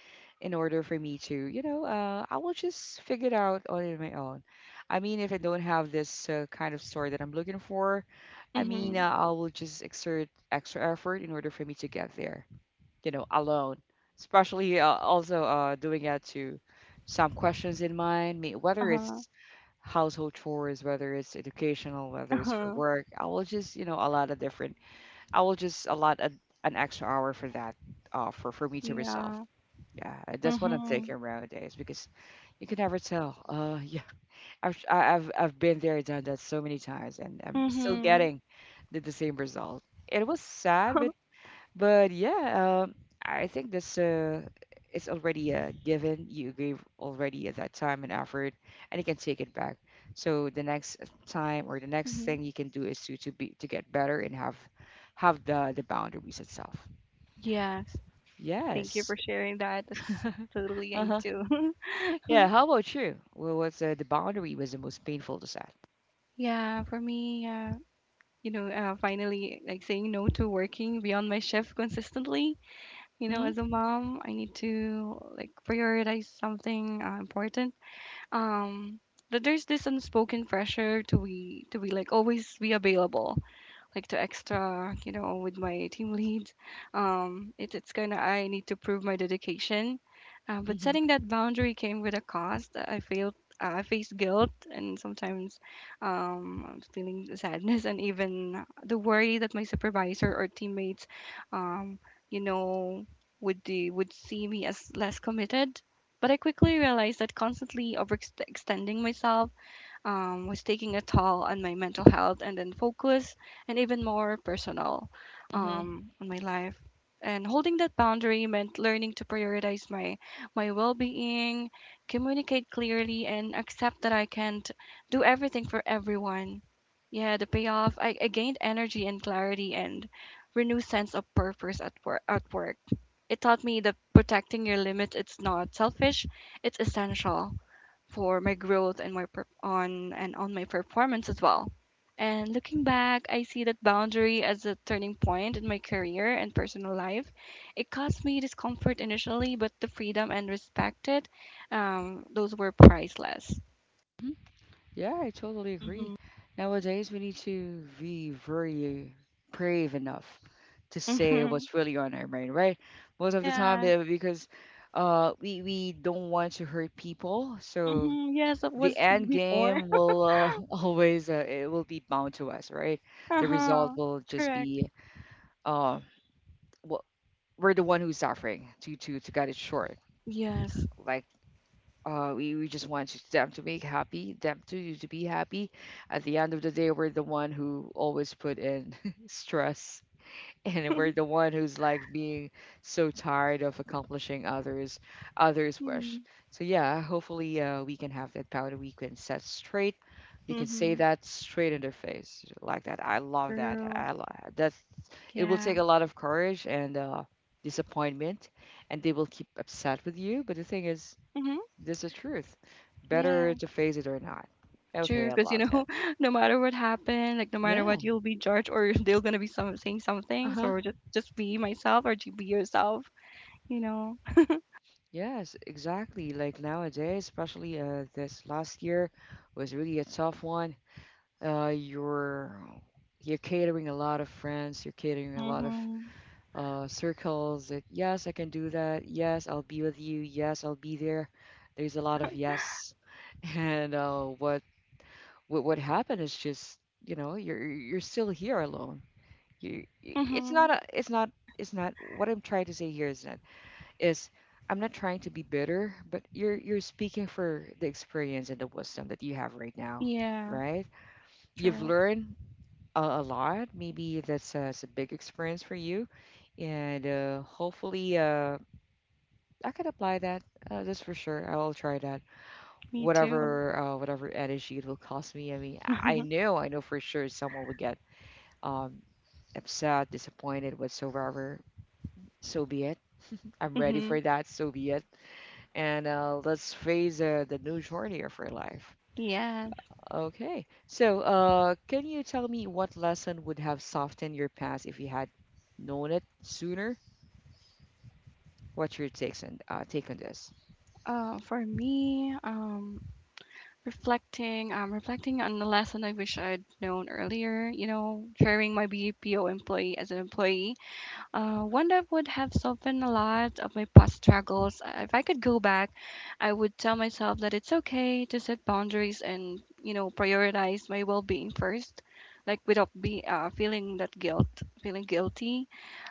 Speaker 1: in order for me to, you know, uh, I will just figure it out on my own. I mean, if I don't have this uh, kind of store that I'm looking for, I mean,
Speaker 2: Mm-hmm.
Speaker 1: uh, I will just exert extra effort in order for me to get there, you know, alone. Especially uh, also uh, doing that to some questions in mind, may- whether
Speaker 2: Uh-huh.
Speaker 1: it's household chores, whether it's educational, whether it's for
Speaker 2: Uh-huh.
Speaker 1: work. I will just, you know, a lot of different. I will just allot a, an extra hour for that, uh, for for me to resolve.
Speaker 2: Yeah.
Speaker 1: Yeah, uh, that's what I'm
Speaker 2: Mm-hmm.
Speaker 1: thinking nowadays because you can never tell. Uh, yeah, I've I- I've I've been there, done that so many times, and I'm still
Speaker 2: Mm-hmm.
Speaker 1: getting the, the same result. It was sad, but but yeah, um, I think that's uh, it's already a given. You gave already at that time and effort, and you can take it back. So the next time or the next
Speaker 2: Mhm.
Speaker 1: thing you can do is to to be to get better and have have the the boundaries itself.
Speaker 2: Yes. Thank you
Speaker 1: Yes.
Speaker 2: for sharing that. That's totally I need
Speaker 1: Uh-huh.
Speaker 2: to.
Speaker 1: Yeah. How about you? Well, what's uh, the boundary was the most painful to set?
Speaker 2: Yeah, for me, uh, you know, uh, finally like saying no to working beyond my shift consistently. You know,
Speaker 1: Mm-hmm.
Speaker 2: as a mom, I need to like prioritize something uh, important. Um, but there's this unspoken pressure to be to be like always be available, like to extra, you know, with my team lead. Um, it, it's kind of I need to prove my dedication. Uh, but
Speaker 1: Mm-hmm.
Speaker 2: setting that boundary came with a cost. I failed. Uh, I faced guilt and sometimes, um, I'm feeling sadness and even the worry that my supervisor or teammates, um, you know, would do, would see me as less committed. But I quickly realized that constantly overextending myself, um, was taking a toll on my mental health and then focus, and even more personal,
Speaker 1: Mm-hmm.
Speaker 2: um, on my life. And holding that boundary meant learning to prioritize my my well-being, communicate clearly, and accept that I can't do everything for everyone. Yeah, the payoff. I, I gained energy and clarity and renewed sense of purpose at work. At work, it taught me that protecting your limits, it's not selfish; it's essential for my growth and my per- on and on my performance as well. And looking back, I see that boundary as a turning point in my career and personal life. It caused me discomfort initially, but the freedom and respect it, um, those were priceless.
Speaker 1: Yeah, I totally agree.
Speaker 2: Mm-hmm.
Speaker 1: Nowadays, we need to be very brave enough to say
Speaker 2: Mm-hmm.
Speaker 1: what's really on our mind, right? Most of the time,
Speaker 2: Yes.
Speaker 1: uh, because uh, we we don't want to hurt people, so
Speaker 2: Mm-hmm. Yes, it
Speaker 1: the
Speaker 2: was
Speaker 1: end
Speaker 2: before.
Speaker 1: game will uh, always uh, it will be bound to us, right? The result
Speaker 2: Uh-huh.
Speaker 1: will just
Speaker 2: Correct.
Speaker 1: be uh, wh- we're the one who's suffering. To to to cut it short,
Speaker 2: Yes.
Speaker 1: like uh, we, we just want to- them to make happy, them to to be happy. At the end of the day, we're the one who always put in stress, and we're the one who's like being so tired of accomplishing others others' wish. So yeah, hopefully uh, we can have that power. We can set straight. We can say
Speaker 2: Mm-hmm.
Speaker 1: that straight in their face like that. I love that.
Speaker 2: True.
Speaker 1: I lo- that's it will take
Speaker 2: Yeah.
Speaker 1: a lot of courage and uh, disappointment, and they will keep upset with you. But the thing is
Speaker 2: Mm-hmm.
Speaker 1: this is truth. Better
Speaker 2: Yeah.
Speaker 1: to face it or not. Okay,
Speaker 2: Future,
Speaker 1: I
Speaker 2: because you
Speaker 1: love
Speaker 2: know,
Speaker 1: that.
Speaker 2: no matter what happened, like no matter
Speaker 1: Yeah.
Speaker 2: what, you'll be judged, or they're gonna be some saying something,
Speaker 1: Uh-huh.
Speaker 2: so just just be myself or just be yourself, you know.
Speaker 1: Yes, exactly. Like nowadays, especially uh, this last year was really a tough one. Uh, you're you're catering a lot of friends, you're catering a lot of
Speaker 2: Hmm.
Speaker 1: uh, circles that yes, I can do that. Yes, I'll be with you. Yes, I'll be there. There's a lot of yes. And uh, what what what happened is just, you know, you're you're still here alone you it's
Speaker 2: Hmm.
Speaker 1: not a it's not it's not what I'm trying to say here is not is I'm not trying to be bitter but you're you're speaking for the experience and the wisdom that you have right now,
Speaker 2: Yeah.
Speaker 1: right? You've
Speaker 2: True.
Speaker 1: learned a, a lot. Maybe that's a, it's a big experience for you, and uh, hopefully uh, I can apply that. Uh, that's for sure, I'll try that.
Speaker 2: Me too.
Speaker 1: Whatever uh, whatever energy it will cost me, I mean i I know, I know for sure someone will get um upset, disappointed whatsoever. So be it. I'm ready for
Speaker 2: Hmm.
Speaker 1: that. So be it. And uh, let's face uh, the new journey of our life.
Speaker 2: Yes.
Speaker 1: Okay. So, uh, can you tell me what lesson would have softened your past if you had known it sooner? What's your takes on uh, take on this?
Speaker 2: Uh for me, um reflecting, um reflecting on the lesson I wish I'd known earlier, you know, hiring my BPO employee as an employee. Uh, one that would have softened a lot of my past struggles. Uh, If I could go back, I would tell myself that it's okay to set boundaries and, you know, prioritize my well-being first, like without be uh, feeling that guilt, feeling guilty.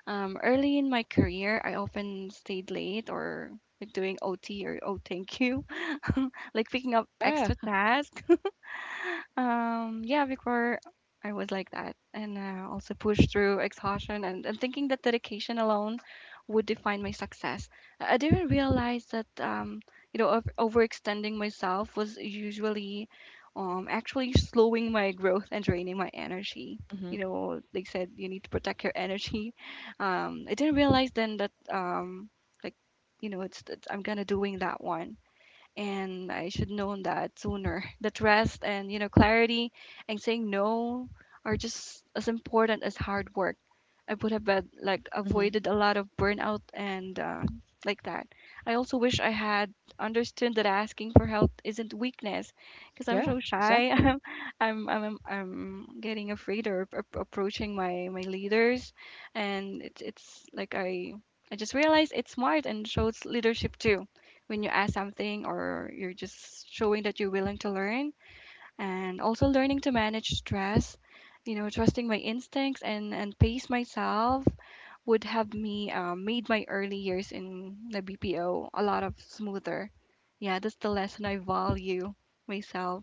Speaker 2: Um, early in my career, I often stayed late or, like, doing O T, or oh, thank you. Like picking up
Speaker 1: Yeah.
Speaker 2: extra tasks, um, yeah, before I was like that, and uh, also pushed through exhaustion, and, and thinking that dedication alone would define my success. I I didn't realize that, um, you know, over- overextending myself was usually, um, actually slowing my growth and draining my energy. You
Speaker 1: hmm
Speaker 2: know, they said you need to protect your energy. Um, I didn't realize then that, um, like, you know, it's, it's I'm gonna doing that one, and I should known that sooner. That rest and, you know, clarity and saying no are just as important as hard work. I would have been, like,
Speaker 1: hmm
Speaker 2: avoided a lot of burnout and, uh, like that. I also wish I had understood that asking for help isn't weakness, because I'm
Speaker 1: Yeah.
Speaker 2: so shy.
Speaker 1: Exactly.
Speaker 2: I'm I'm I'm I'm getting afraid of ap- approaching my my leaders, and it's it's like I I just realized it's smart and shows leadership too when you ask something, or you're just showing that you're willing to learn, and also learning to manage stress, you know, trusting my instincts and and pace myself would have me, um, made my early years in the BPO a lot of smoother. Yeah, that's the lesson. I value myself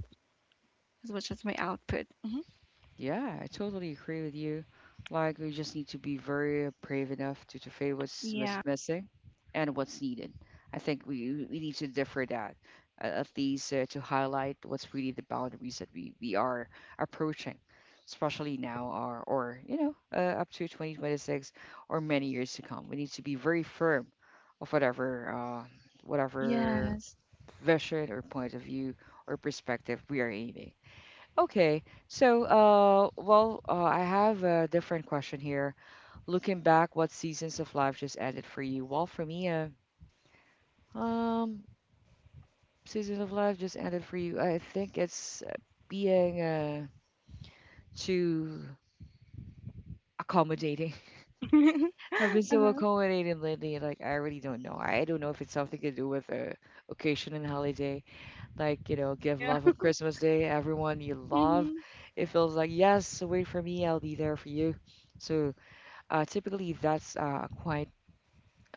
Speaker 2: as much as my output. Hmm.
Speaker 1: Yeah, I totally agree with you. Like, we just need to be very brave enough to, to face what's
Speaker 2: Yeah.
Speaker 1: mis- missing and what's needed. I think we, we need to differ that, uh, at least uh, to highlight what's really the boundaries that we, we are approaching, especially now or, or you know, uh, up to twenty twenty-six or many years to come. We need to be very firm of whatever, uh, whatever
Speaker 2: Yes.
Speaker 1: vision or point of view or perspective we are aiming. Okay. So, uh, well, uh, I have a different question here. Looking back, what seasons of life just ended for you? Well, for me, uh, um, season of life just ended for you. I think it's uh, being uh, too accommodating. I've been so
Speaker 2: Uh-huh.
Speaker 1: accommodating lately. Like, I really don't know. I don't know if it's something to do with uh, occasion and holiday. Like, you know, give
Speaker 2: Yeah.
Speaker 1: love on Christmas Day, everyone you love.
Speaker 2: Mm-hmm.
Speaker 1: It feels like, yes, wait for me, I'll be there for you. So, Uh, typically, that's uh, quite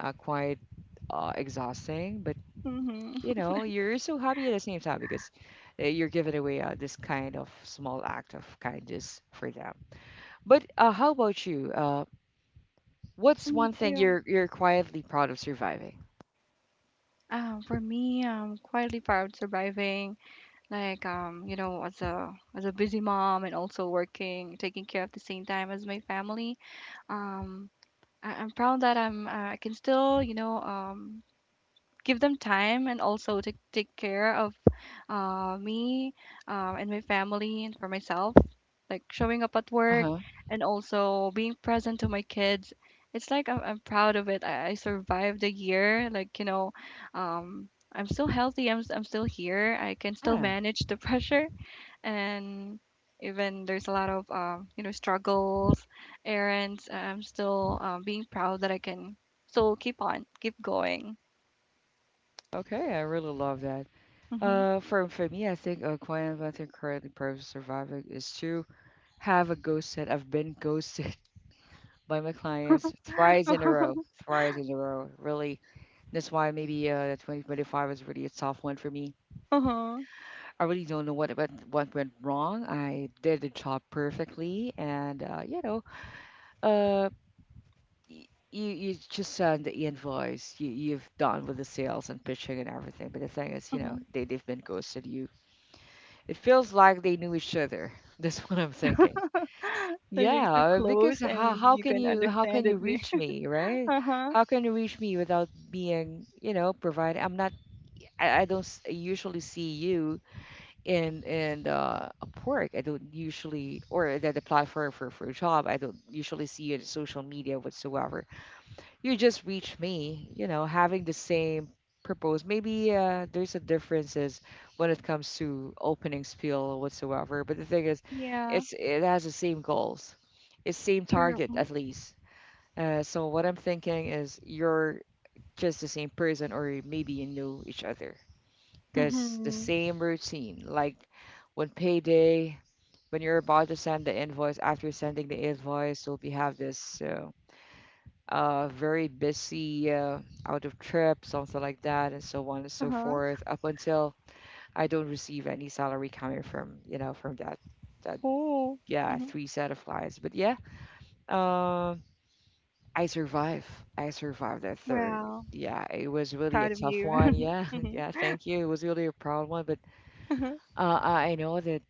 Speaker 1: uh, quite uh, exhausting, but
Speaker 2: Mm-hmm.
Speaker 1: you know, you're so happy at the same time because uh, you're giving away uh, this kind of small act of kindness for them. But uh, how about you? Uh,
Speaker 2: Yeah,
Speaker 1: what's
Speaker 2: me
Speaker 1: one thing
Speaker 2: too.
Speaker 1: you're you're quietly proud of surviving?
Speaker 2: Um, for me, I'm quietly proud surviving, like, um, you know, as a as a busy mom and also working, taking care of the same time as my family. Um, I, I'm proud that I'm uh, I can still, you know, um give them time and also take take care of uh me, um and my family, and for myself, like showing up at work
Speaker 1: Uh-huh.
Speaker 2: and also being present to my kids. It's like I'm, I'm proud of it. I, I survived a year, like, you know, um. I'm still healthy. I'm, s- I'm still here. I can still
Speaker 1: Yeah.
Speaker 2: manage the pressure, and even there's a lot of, um, you know, struggles, errands. uh, I'm still, um, being proud that I can still keep on, keep going.
Speaker 1: Okay, I really love that.
Speaker 2: Mm-hmm.
Speaker 1: Uh, for for me, I think a quiet one thing currently proud of surviving is to have a ghost set. I've been ghosted by my clients thrice in a row, thrice in a row. Really, that's why maybe uh, two thousand twenty-five was really a tough one for me.
Speaker 2: Uh-huh.
Speaker 1: I really don't know what what, what went wrong. I did the job perfectly, and uh, you know, uh, y- you you just send the invoice. You you've done with the sales and pitching and everything. But the thing is, you know,
Speaker 2: Uh-huh.
Speaker 1: they they've been ghosted you. It feels like they knew each other. That's what I'm thinking.
Speaker 2: So you're so
Speaker 1: Yeah,
Speaker 2: close,
Speaker 1: because how
Speaker 2: and
Speaker 1: how
Speaker 2: you
Speaker 1: can
Speaker 2: can
Speaker 1: you, how
Speaker 2: understand
Speaker 1: can you
Speaker 2: it. We.
Speaker 1: reach me, right?
Speaker 2: Uh-huh.
Speaker 1: How can you reach me without being, you know, provided? I'm not. I, I don't s- usually see you in in uh, Upwork. I don't usually, or the, the platform for for a job. I don't usually see you in social media whatsoever. You just reach me, you know, having the same purpose. Maybe uh, there's a differences when it comes to opening spiel whatsoever. But the thing is,
Speaker 2: Yeah.
Speaker 1: it's it has the same goals, it's same
Speaker 2: True.
Speaker 1: target at least. Uh, so what I'm thinking is you're just the same person, or maybe you know each other because the
Speaker 2: Mm-hmm.
Speaker 1: same routine. Like when payday, when you're about to send the invoice, after sending the invoice, you'll be have this uh, uh, very busy uh, out of trip, something like that, and so on and so
Speaker 2: Uh-huh.
Speaker 1: forth, up until I don't receive any salary coming from, you know, from that that
Speaker 2: Oh.
Speaker 1: yeah
Speaker 2: Mm-hmm.
Speaker 1: three set of clients. But yeah, um, I survive. I survived that third.
Speaker 2: Wow.
Speaker 1: Yeah, it was really a
Speaker 2: Proud of
Speaker 1: tough
Speaker 2: you.
Speaker 1: one. Yeah, yeah.
Speaker 2: Mm-hmm.
Speaker 1: Thank you. It was really a proud one, but
Speaker 2: Uh-huh.
Speaker 1: uh, I I know that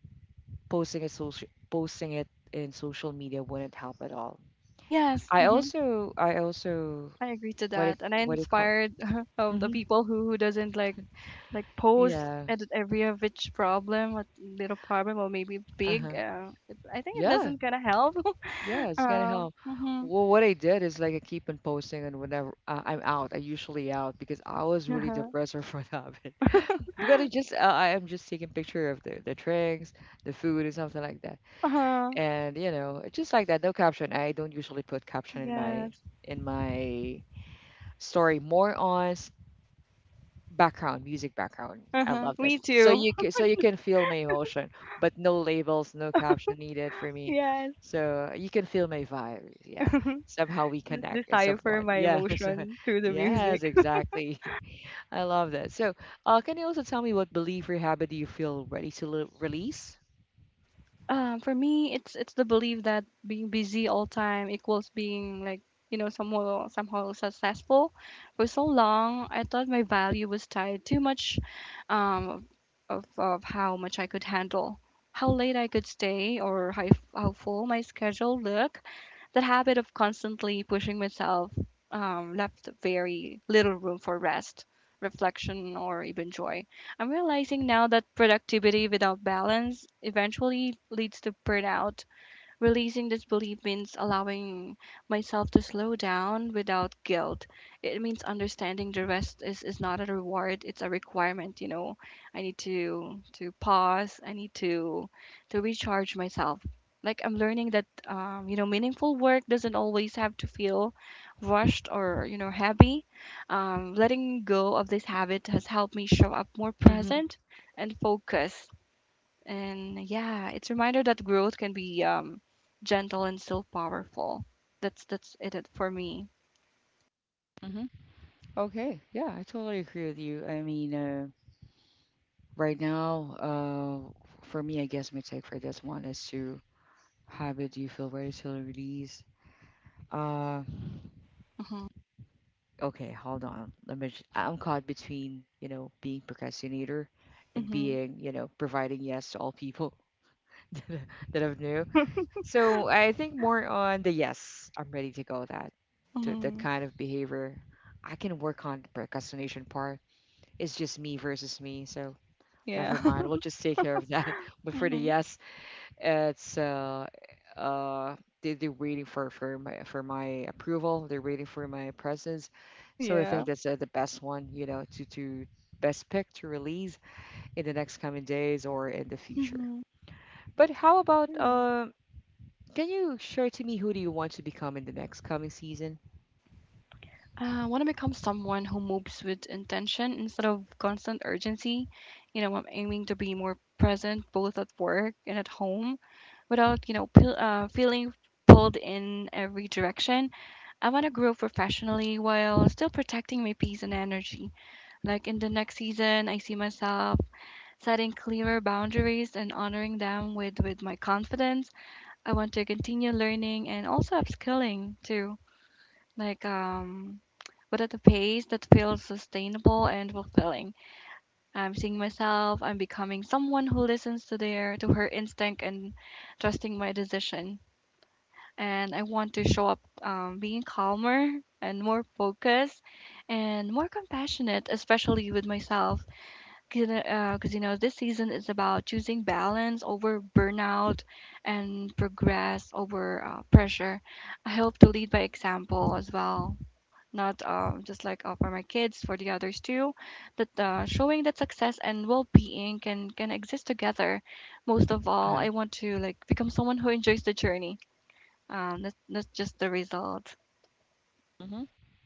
Speaker 1: posting a social, posting it in social media wouldn't help at all.
Speaker 2: Yes.
Speaker 1: I
Speaker 2: Hmm.
Speaker 1: also I also
Speaker 2: I agree to
Speaker 1: what it,
Speaker 2: that, and I
Speaker 1: what it called.
Speaker 2: inspired of the
Speaker 1: Hmm.
Speaker 2: people who, who doesn't like, like post
Speaker 1: Yeah.
Speaker 2: edit every of which problem, a little problem, or maybe big,
Speaker 1: Uh-huh.
Speaker 2: uh, it, I think it
Speaker 1: Yeah.
Speaker 2: doesn't gonna help.
Speaker 1: Yeah, it's gonna
Speaker 2: uh,
Speaker 1: help.
Speaker 2: hmm.
Speaker 1: Well, what I did is like I keep on posting, and whenever uh, I'm out, I usually out because I was really
Speaker 2: Uh-huh.
Speaker 1: depressed or what happened. Because I just uh, I am just taking picture of the the drinks, the food, and something like that.
Speaker 2: Uh-huh.
Speaker 1: And you know, it's just like that, no caption. I don't usually put caption in my
Speaker 2: Yes.
Speaker 1: in my story. More on background music background. I
Speaker 2: Uh-huh.
Speaker 1: love that
Speaker 2: Me
Speaker 1: so
Speaker 2: too.
Speaker 1: you can, so you can feel my emotion, but no labels, no caption needed for me,
Speaker 2: Yes.
Speaker 1: so you can feel my vibe. Yeah, somehow we
Speaker 2: Just
Speaker 1: connect in some
Speaker 2: decipher
Speaker 1: point.
Speaker 2: my
Speaker 1: Yes.
Speaker 2: emotion through the
Speaker 1: Yes,
Speaker 2: music.
Speaker 1: exactly. I love that. So uh, can you also tell me what belief or habit do you feel ready to le- release?
Speaker 2: Um, for me, it's it's the belief that being busy all time equals being, like, you know, somehow somehow successful. For so long, I thought my value was tied too much, um, of of how much I could handle, how late I could stay, or how how full my schedule looked. That habit of constantly pushing myself, um, left very little room for rest, reflection, or even joy. I'm realizing now that productivity without balance eventually leads to burnout. Releasing this belief means allowing myself to slow down without guilt. It means understanding the rest is, is not a reward, it's a requirement, you know. I need to to pause, I need to to recharge myself. Like I'm learning that, um, you know, meaningful work doesn't always have to feel rushed or, you know, heavy. Um, letting go of this habit has helped me show up more
Speaker 1: Hmm.
Speaker 2: present and focused, and yeah, it's a reminder that growth can be, um, gentle and still powerful. That's that's it it for me.
Speaker 1: Hmm. Okay. Yeah, I totally agree with you. I mean, uh, right now, uh, for me, I guess my take for this one is to habit. Do you feel ready to release? Uh,
Speaker 2: Mhm.
Speaker 1: okay, hold on. Let me. j- I'm caught between, you know, being procrastinator and
Speaker 2: Mhm.
Speaker 1: being, you know, providing yes to all people that I- that I've knew. So I think more on the yes. I'm ready to go. With that, to that
Speaker 2: Mhm.
Speaker 1: kind of behavior. I can work on the procrastination part. It's just me versus me. So
Speaker 2: Yeah.
Speaker 1: never mind, we'll just take care of that. But for the
Speaker 2: Mhm.
Speaker 1: yes, it's uh, so, uh, they, they're waiting for for my for my approval. They're waiting for my presence. So I
Speaker 2: Yeah.
Speaker 1: think that's uh, the best one, you know, to to best pick to release in the next coming days or in the future.
Speaker 2: Mhm.
Speaker 1: But how about
Speaker 2: Sure.
Speaker 1: um? Can you share to me who do you want to become in the next coming season?
Speaker 2: I want to become someone who moves with intention instead of constant urgency. You know, I'm aiming to be more present both at work and at home, without, you know, pil- uh, feeling pulled in every direction. I want to grow professionally while still protecting my peace and energy. Like in the next season, I see myself setting clearer boundaries and honoring them with, with my confidence. I want to continue learning and also upskilling too, like, um, but at a pace that feels sustainable and fulfilling. I'm seeing myself. I'm becoming someone who listens to their to her instinct and trusting my decision. And I want to show up, um, being calmer and more focused and more compassionate, especially with myself. Because uh, 'Cause, you know, this season is about choosing balance over burnout and progress over, uh, pressure. I hope to lead by example as well, not, um, just like, uh, for my kids, for the others too. That, uh, showing that success and well-being can can exist together. Most of all,
Speaker 1: Uh-huh.
Speaker 2: I want to, like, become someone who enjoys the journey, um, not not just the result.
Speaker 1: hmm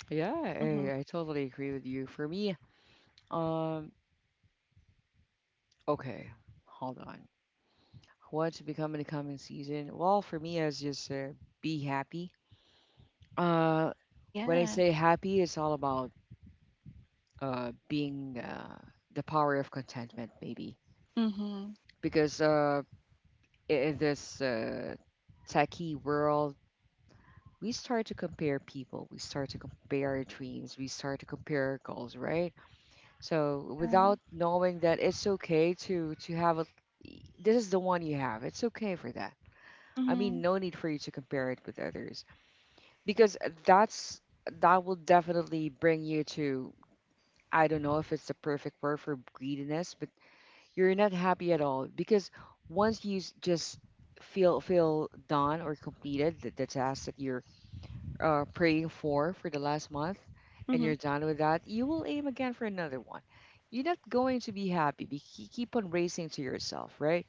Speaker 1: Yeah,
Speaker 2: Hmm.
Speaker 1: I, I totally agree with you. For me, um, okay, hold on. What to become in the coming season? Well, for me, as just uh, be happy. Uh, when I
Speaker 2: Yeah.
Speaker 1: say happy, it's all about uh, being uh, the power of contentment, maybe.
Speaker 2: Hmm.
Speaker 1: Because uh, i- in this uh, techie world, we start to compare people, we start to compare our dreams, we start to compare our goals, right? So
Speaker 2: Yeah.
Speaker 1: without knowing that it's okay to to have a, this is the one you have. It's okay for that. I mean,
Speaker 2: Hmm.
Speaker 1: no need for you to compare it with others because that's that will definitely bring you to, I don't know if it's the perfect word, for greediness, but you're not happy at all because once you s- just feel feel done or completed the, the task that you're uh, praying for for the last month, and
Speaker 2: Hmm.
Speaker 1: you're done with that, you will aim again for another one. You're not going to be happy. Be, ke- keep on racing to yourself, right?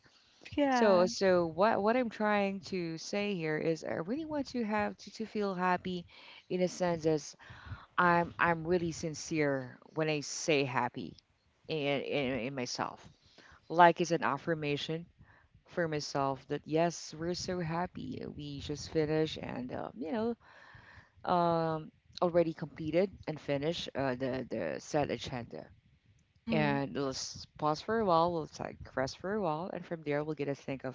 Speaker 1: So,
Speaker 2: Yeah.
Speaker 1: so what what I'm trying to say here is, I really want to have to, to feel happy, in a sense as I'm I'm really sincere when I say happy in, in, in myself. Like it's an affirmation for myself that yes, we're so happy. We just finished and uh, you know, um, already completed and finished uh, the the set agenda.
Speaker 2: Hmm.
Speaker 1: And let's pause for a while. We'll like rest for a while, and from there we'll get to think of,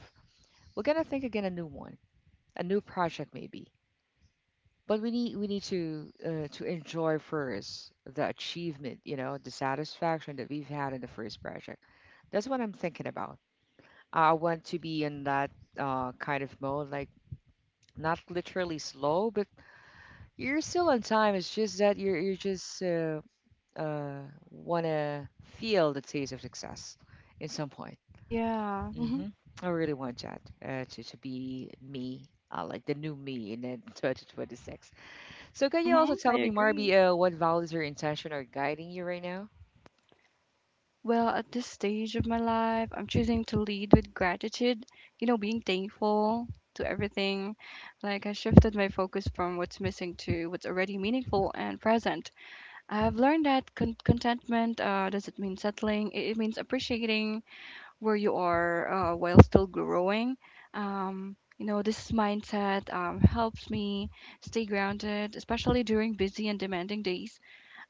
Speaker 1: we're gonna think again a new one, a new project maybe. But we need we need to uh, to enjoy first the achievement, you know, the satisfaction that we've had in the first project. That's what I'm thinking about. I want to be in that uh, kind of mode, like not literally slow, but you're still on time. It's just that you're you just uh, uh, want to feel the taste of success in some point.
Speaker 2: Yeah. Mm-hmm.
Speaker 1: hmm I really want that uh, to, to be me, uh, like the new me in uh, twenty twenty-six. So can you
Speaker 2: Mhm,
Speaker 1: also
Speaker 2: I
Speaker 1: tell me, Marby,
Speaker 2: agree.
Speaker 1: uh, what values or intention are guiding you right now?
Speaker 2: Well, at this stage of my life, I'm choosing to lead with gratitude, you know, being thankful to everything. Like, I shifted my focus from what's missing to what's already meaningful and present. I've learned that con- contentment, uh, doesn't mean settling, it, it means appreciating where you are, uh, while still growing. Um, you know, this mindset, um, helps me stay grounded, especially during busy and demanding days.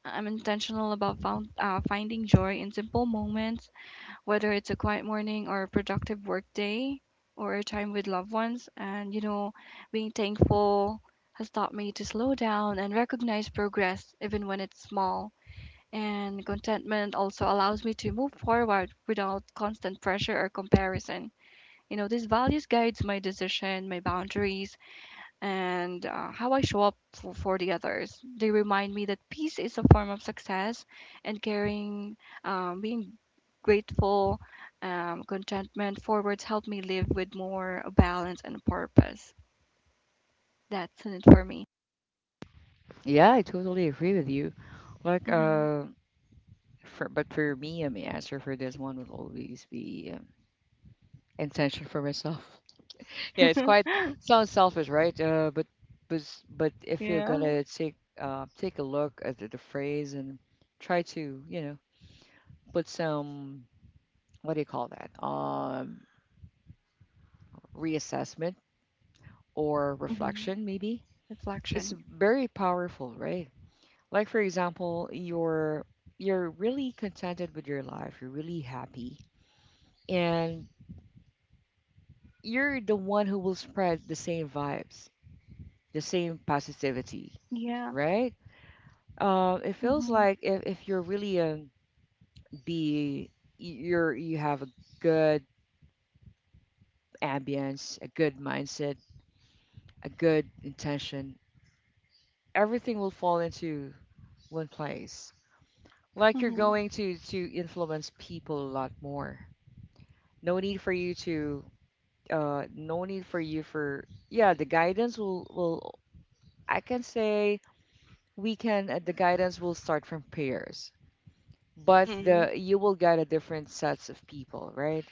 Speaker 2: I'm intentional about found, uh, finding joy in simple moments, whether it's a quiet morning or a productive work day or a time with loved ones. And, you know, being thankful has taught me to slow down and recognize progress, even when it's small. And contentment also allows me to move forward without constant pressure or comparison. You know, these values guides my decision, my boundaries, and uh, how I show up for, for the others. They remind me that peace is a form of success and caring, um, being grateful, um, contentment forwards help me live with more balance and purpose. That's it for me.
Speaker 1: Yeah, I totally agree with you. Like,
Speaker 2: Hmm.
Speaker 1: uh, for, but for me, um, my answer for this one would always be um, intention for myself. Yeah, it's quite sounds selfish, right? Uh, but but s- but if you're
Speaker 2: Yeah.
Speaker 1: gonna take uh, take a look at the, the phrase and try to, you know, put some, what do you call that? Um, reassessment or
Speaker 2: Hmm.
Speaker 1: reflection, maybe. It's
Speaker 2: Reflection.
Speaker 1: very powerful, right? Like for example, you're you're really contented with your life, you're really happy, and you're the one who will spread the same vibes, the same positivity,
Speaker 2: Yeah.
Speaker 1: right? Um, it feels
Speaker 2: Hmm.
Speaker 1: like if, if you're really um be you're you have a good ambience, a good mindset, a good intention, everything will fall into one place. Like you're
Speaker 2: Hmm.
Speaker 1: going to to influence people a lot more. No need for you to uh No need for you for, yeah, the guidance will will, I can say we can uh, the guidance will start from pairs, but
Speaker 2: Hmm.
Speaker 1: the, you will get a different sets of people, right?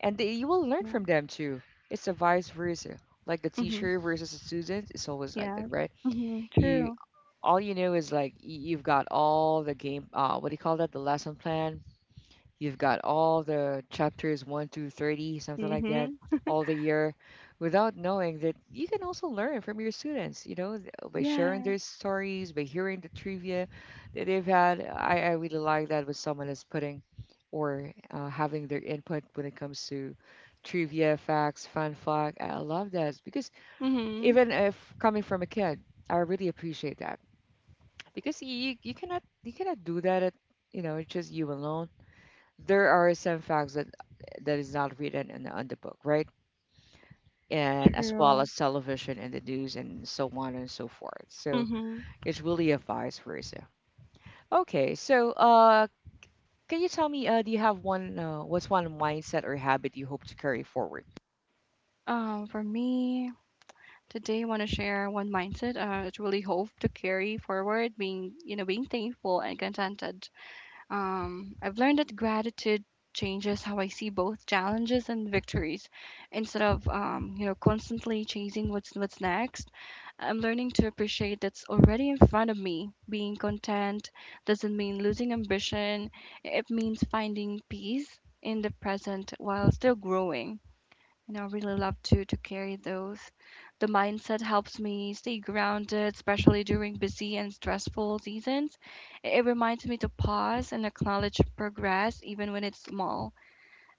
Speaker 1: And the, you will learn
Speaker 2: Yeah.
Speaker 1: from them too. It's a vice versa, like the
Speaker 2: Hmm.
Speaker 1: teacher versus the student, it's always like
Speaker 2: Yeah.
Speaker 1: that, right?
Speaker 2: Hmm.
Speaker 1: you
Speaker 2: True.
Speaker 1: all you know is like y- you've got all the game, uh what do you call that, the lesson plan. You've got all the chapters one to thirty, something like that,
Speaker 2: Hmm.
Speaker 1: all the year, without knowing that you can also learn from your students, you know, th- by sharing
Speaker 2: Yeah.
Speaker 1: their stories, by hearing the trivia that they've had. I, I really like that, with someone that's putting or uh, having their input when it comes to trivia, facts, fun fact. I love that because
Speaker 2: Hmm.
Speaker 1: even if coming from a kid, I really appreciate that because you, you cannot you cannot do that at, you know, just you alone. There are some facts that, that is not written in the, on the book, right? And as well
Speaker 2: True.
Speaker 1: as television and the news and so on and so forth. So
Speaker 2: Hmm.
Speaker 1: it's really a vice versa. Okay, so uh, can you tell me, uh, do you have one? Uh, what's one mindset or habit you hope to carry forward?
Speaker 2: Um, for me, today I want to share one mindset. Uh, it's really hope to carry forward, being, you know, being thankful and contented. Um, I've learned that gratitude changes how I see both challenges and victories. Instead of, um, you know, constantly chasing what's what's next, I'm learning to appreciate that's already in front of me. Being content doesn't mean losing ambition. It means finding peace in the present while still growing. And I really love to to carry those. The mindset helps me stay grounded, especially during busy and stressful seasons. It it reminds me to pause and acknowledge progress, even when it's small.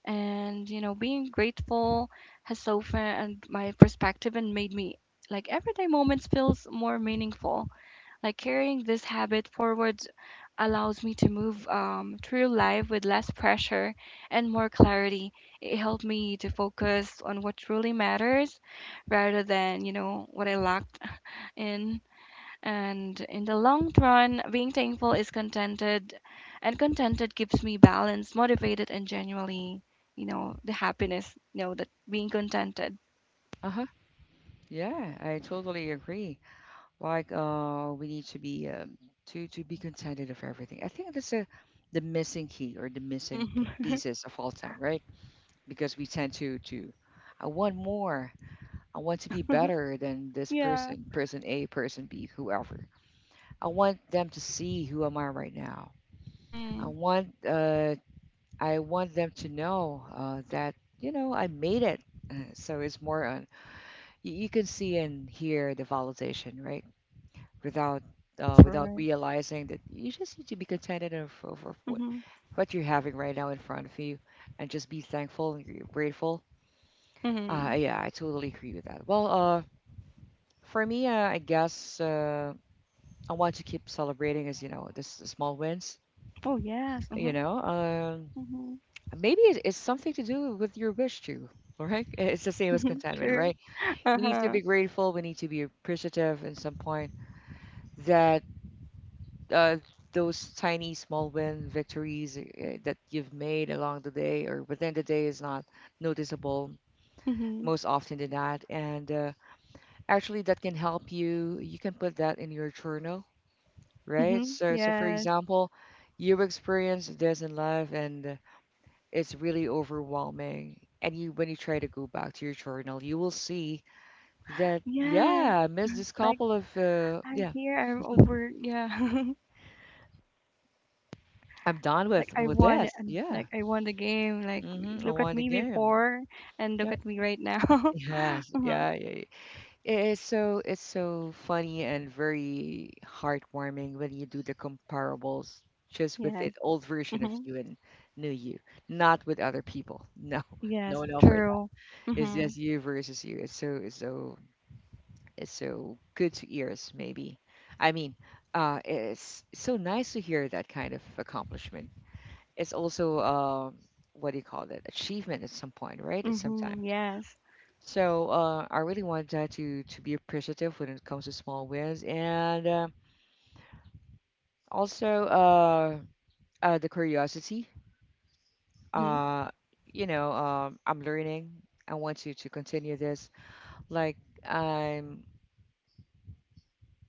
Speaker 2: And, you know, being grateful has softened my perspective and made me, like, everyday moments feels more meaningful. Like carrying this habit forward allows me to move, um, through life with less pressure and more clarity. It helped me to focus on what truly matters rather than, you know, what I lacked in. And in the long run, being thankful is contented, and contented keeps me balanced, motivated, and genuinely, you know, the happiness, you know, that being contented.
Speaker 1: Uh huh. Yeah, I totally agree. Like, uh, we need to be um, to to be contented of everything. I think that's a the missing key or the missing p-
Speaker 2: Hmm.
Speaker 1: pieces of all time, right? Because we tend to to, I want more. I want to be better than this
Speaker 2: Yeah.
Speaker 1: person, person A, person B, whoever. I want them to see who am I right now. I
Speaker 2: Hmm.
Speaker 1: want uh, I want them to know uh, that, you know, I made it. Uh, So it's more on, you, you can see and hear the validation, right? Without
Speaker 2: That's
Speaker 1: uh, without
Speaker 2: right.
Speaker 1: realizing that you just need to be contented of, of, of what
Speaker 2: Hmm.
Speaker 1: what you're having right now in front of you, and just be thankful and gr- grateful. Uh,
Speaker 2: Hmm.
Speaker 1: yeah, I totally agree with that. Well, uh, for me, uh, I guess. Uh, I want to keep celebrating, as you know, this small wins.
Speaker 2: Oh, yes. Hmm.
Speaker 1: You know, um,
Speaker 2: Mhm.
Speaker 1: maybe it, it's something to do with your wish too. All right, it's the same as contentment,
Speaker 2: True.
Speaker 1: right? You need to
Speaker 2: Uh-huh.
Speaker 1: be grateful. We need to be appreciative in some point that uh, those tiny small win victories uh, that you've made along the day or within the day is not noticeable
Speaker 2: Mhm.
Speaker 1: most often than that. And uh, Actually that can help you. You can put that in your journal, right?
Speaker 2: Mhm.
Speaker 1: So, so for
Speaker 2: Yes.
Speaker 1: example, you experience this in life and it's really overwhelming. And you, when you try to go back to your journal, you will see that,
Speaker 2: Yes.
Speaker 1: yeah, I missed this
Speaker 2: Like,
Speaker 1: couple of, uh,
Speaker 2: I'm
Speaker 1: yeah,
Speaker 2: here. I'm over. Yeah.
Speaker 1: I'm done
Speaker 2: Like
Speaker 1: with
Speaker 2: I
Speaker 1: with
Speaker 2: won it,
Speaker 1: this.
Speaker 2: and,
Speaker 1: Yeah,
Speaker 2: like I won the game. Like
Speaker 1: mm-hmm, I
Speaker 2: look at
Speaker 1: won the
Speaker 2: me
Speaker 1: game.
Speaker 2: before and
Speaker 1: Yeah,
Speaker 2: look at me right now.
Speaker 1: yes,
Speaker 2: Mhm.
Speaker 1: yeah, yeah, it is so, it's so funny and very heartwarming when you do the comparables just with
Speaker 2: Yes.
Speaker 1: the old version of
Speaker 2: Mhm.
Speaker 1: you and new you, not with other people. No, no,
Speaker 2: Yes.
Speaker 1: no for that.
Speaker 2: True.
Speaker 1: It's
Speaker 2: Mhm.
Speaker 1: just you versus you. It's so it's so it's so good to ears maybe. I mean, uh, it's so nice to hear that kind of accomplishment. It's also um, what do you call that? Achievement at some point, right? At some
Speaker 2: Mhm.
Speaker 1: time.
Speaker 2: Yes.
Speaker 1: So uh, I really want that to to be appreciative when it comes to small wins, and uh, also uh, uh, the curiosity.
Speaker 2: Mhm.
Speaker 1: Uh, you know, um, I'm learning. I want to to continue this. Like I'm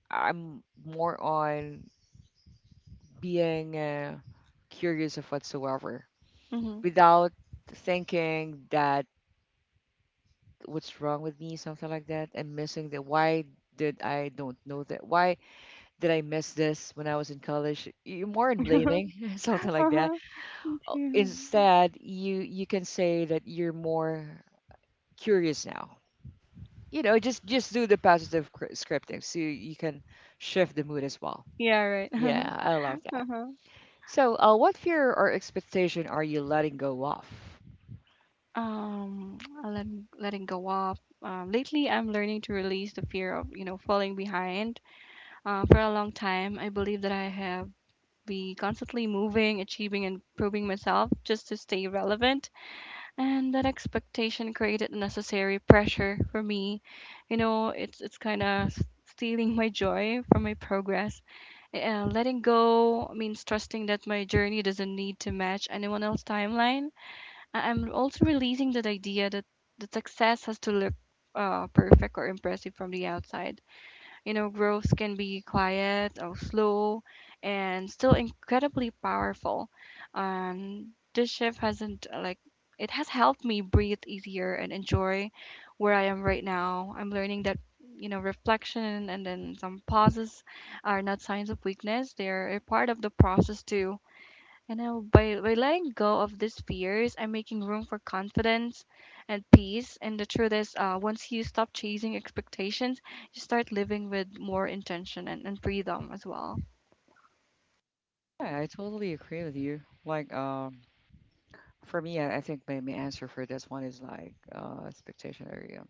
Speaker 1: I'm more on being uh, curious of whatsoever,
Speaker 2: Mhm.
Speaker 1: without thinking that what's wrong with me, something like that, and missing the why, did I, don't know that, why did I miss this when I was in college? You're more in blaming, something like that.
Speaker 2: Uh-huh. Me
Speaker 1: Uh,
Speaker 2: too.
Speaker 1: Instead, you you can say that you're more curious now. You know, just just do the positive cr- scripting, so you, you can shift the mood as well.
Speaker 2: Yeah, right.
Speaker 1: Yeah, I love that.
Speaker 2: Uh huh.
Speaker 1: So, uh, what fear or expectation are you letting go of?
Speaker 2: Um, letting letting go off. Um, lately, I'm learning to release the fear of, you know, falling behind. Uh, for a long time, I believe that I have be constantly moving, achieving, and proving myself just to stay relevant. And that expectation created necessary pressure for me. You know, it's it's kind of stealing my joy from my progress. Uh, letting go means trusting that my journey doesn't need to match anyone else's timeline. I- I'm also releasing that idea that the success has to look, uh, perfect or impressive from the outside. You know, growth can be quiet or slow, and still incredibly powerful. And this shift hasn't, uh, like, it has helped me breathe easier and enjoy where I am right now. I'm learning that you know reflection and then some pauses are not signs of weakness. They're a part of the process too, and now, by, by letting go of these fears, I'm making room for confidence and peace. And the truth is, uh, once you stop chasing expectations, you start living with more intention and, and freedom as well.
Speaker 1: Yeah, I totally agree with you. Like, um, for me, I, I think my, my answer for this one is like uh, expectation area.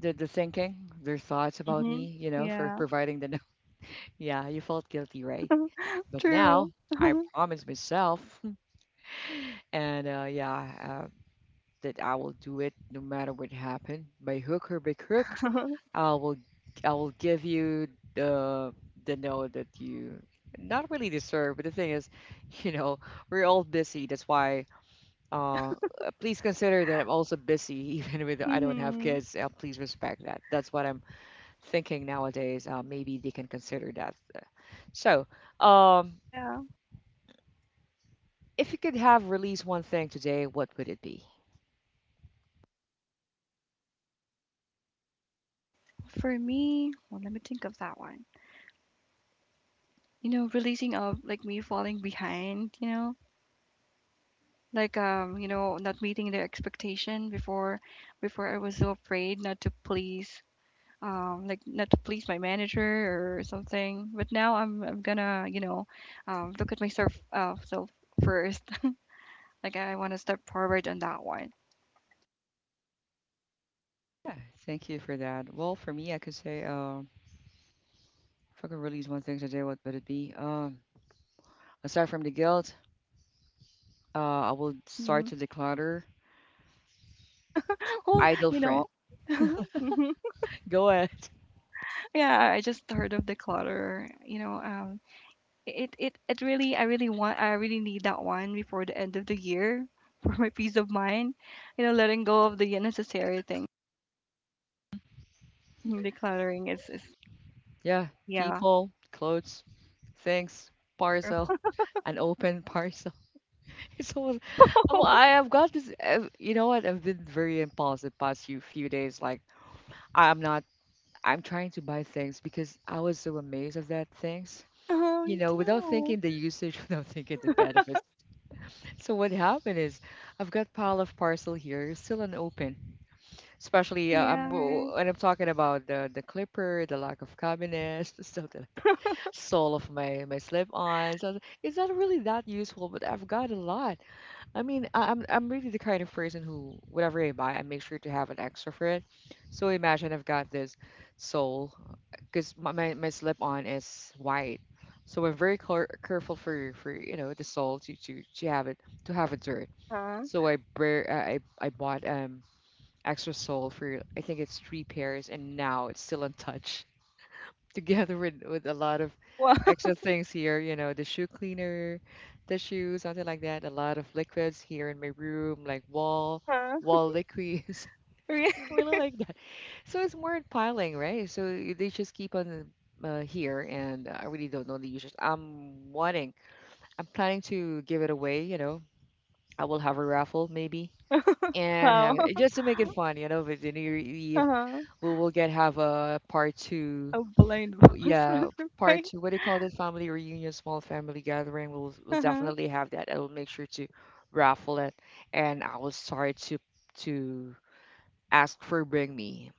Speaker 1: The, the thinking, their thoughts about
Speaker 2: Mm-hmm.
Speaker 1: me, you know, for
Speaker 2: Yeah.
Speaker 1: providing the yeah, you felt guilty, right? But
Speaker 2: True.
Speaker 1: now I promised myself, and uh, yeah, uh, that I will do it no matter what happened, by hook or by crook. I will, I will give you the the note that you not really deserve. But the thing is, you know, we're all busy. That's why,
Speaker 2: Yeah.
Speaker 1: uh, uh, please consider that I'm also busy, even with I don't have
Speaker 2: Mm-hmm.
Speaker 1: kids. Uh, please respect that. That's what I'm thinking nowadays. Uh, maybe they can consider that. So. Um,
Speaker 2: Yeah.
Speaker 1: If you could have released one thing today, what would it be?
Speaker 2: For me, well, let me think of that one. You know, releasing of like me falling behind, you know, like um, you know, not meeting their expectation before. Before I was so afraid not to please, um, like not to please my manager or something. But now I'm I'm gonna you know um, look at myself, uh, self first. Like I want to step forward on that one.
Speaker 1: Yeah, thank you for that. Well, for me, I could say, uh, if I could release one thing today, what would it be? Um, aside from the guilt, uh, I will start
Speaker 2: Hmm.
Speaker 1: to declutter
Speaker 2: Oh,
Speaker 1: idle
Speaker 2: you
Speaker 1: friend.
Speaker 2: know, mhm.
Speaker 1: Go ahead.
Speaker 2: Yeah. I just heard of the clutter. You know, um, it it it really, I really want I really need that one before the end of the year. For my peace of mind. You know, letting go of the unnecessary thing. Decluttering is is
Speaker 1: Yeah,
Speaker 2: yeah,
Speaker 1: people, clothes, things,
Speaker 2: true.
Speaker 1: parcel, an open parcel. It's all, I'm, I have got this. uh, You know what? I've been very impulsive past few few days. Like I'm not. I'm trying to buy things because I was so amazed of that things.
Speaker 2: Oh,
Speaker 1: You
Speaker 2: me
Speaker 1: know, without
Speaker 2: too.
Speaker 1: thinking the usage, without thinking the benefits. So what happened is, I've got pile of parcel here, still unopened. Especially uh, I'm
Speaker 2: Yeah,
Speaker 1: w-
Speaker 2: right.
Speaker 1: when I'm talking about the the clipper, the lack of cabinets, stuff like that. Sole of my my slip-ons. I was like, it's not really that useful, but I've got a lot. I mean, I- I'm I'm really the kind of person who whatever I buy, I make sure to have an extra for it. So imagine I've got this sole because my, my, my slip on is white, so I'm very care careful for for you know the sole to to to have it to have it dirt.
Speaker 2: Uh-huh.
Speaker 1: So I br- I I bought um extra sole for I think it's three pairs and now it's still untouched together with with a lot of
Speaker 2: Wow.
Speaker 1: extra things here, you know the shoe cleaner, tissue, something like that, a lot of liquids here in my room, like wall
Speaker 2: Uh-huh.
Speaker 1: wall liquids.
Speaker 2: Re-
Speaker 1: I really like that. So it's more piling, right? So y- they just keep on uh, here. And uh, I really don't know the users. I'm wanting, I'm planning to give it away, you know. I will have a raffle maybe and have
Speaker 2: Wow.
Speaker 1: it just to make it fun, you know, but the new year eve
Speaker 2: Uh-huh.
Speaker 1: we will get have a part two.
Speaker 2: A blind
Speaker 1: W-
Speaker 2: box
Speaker 1: yeah, part
Speaker 2: surprise.
Speaker 1: two. What do you call that? Family reunion, small family gathering. We'll we'll
Speaker 2: Uh-huh.
Speaker 1: definitely have that. I will make sure to raffle it, and I will start to to ask for bring me.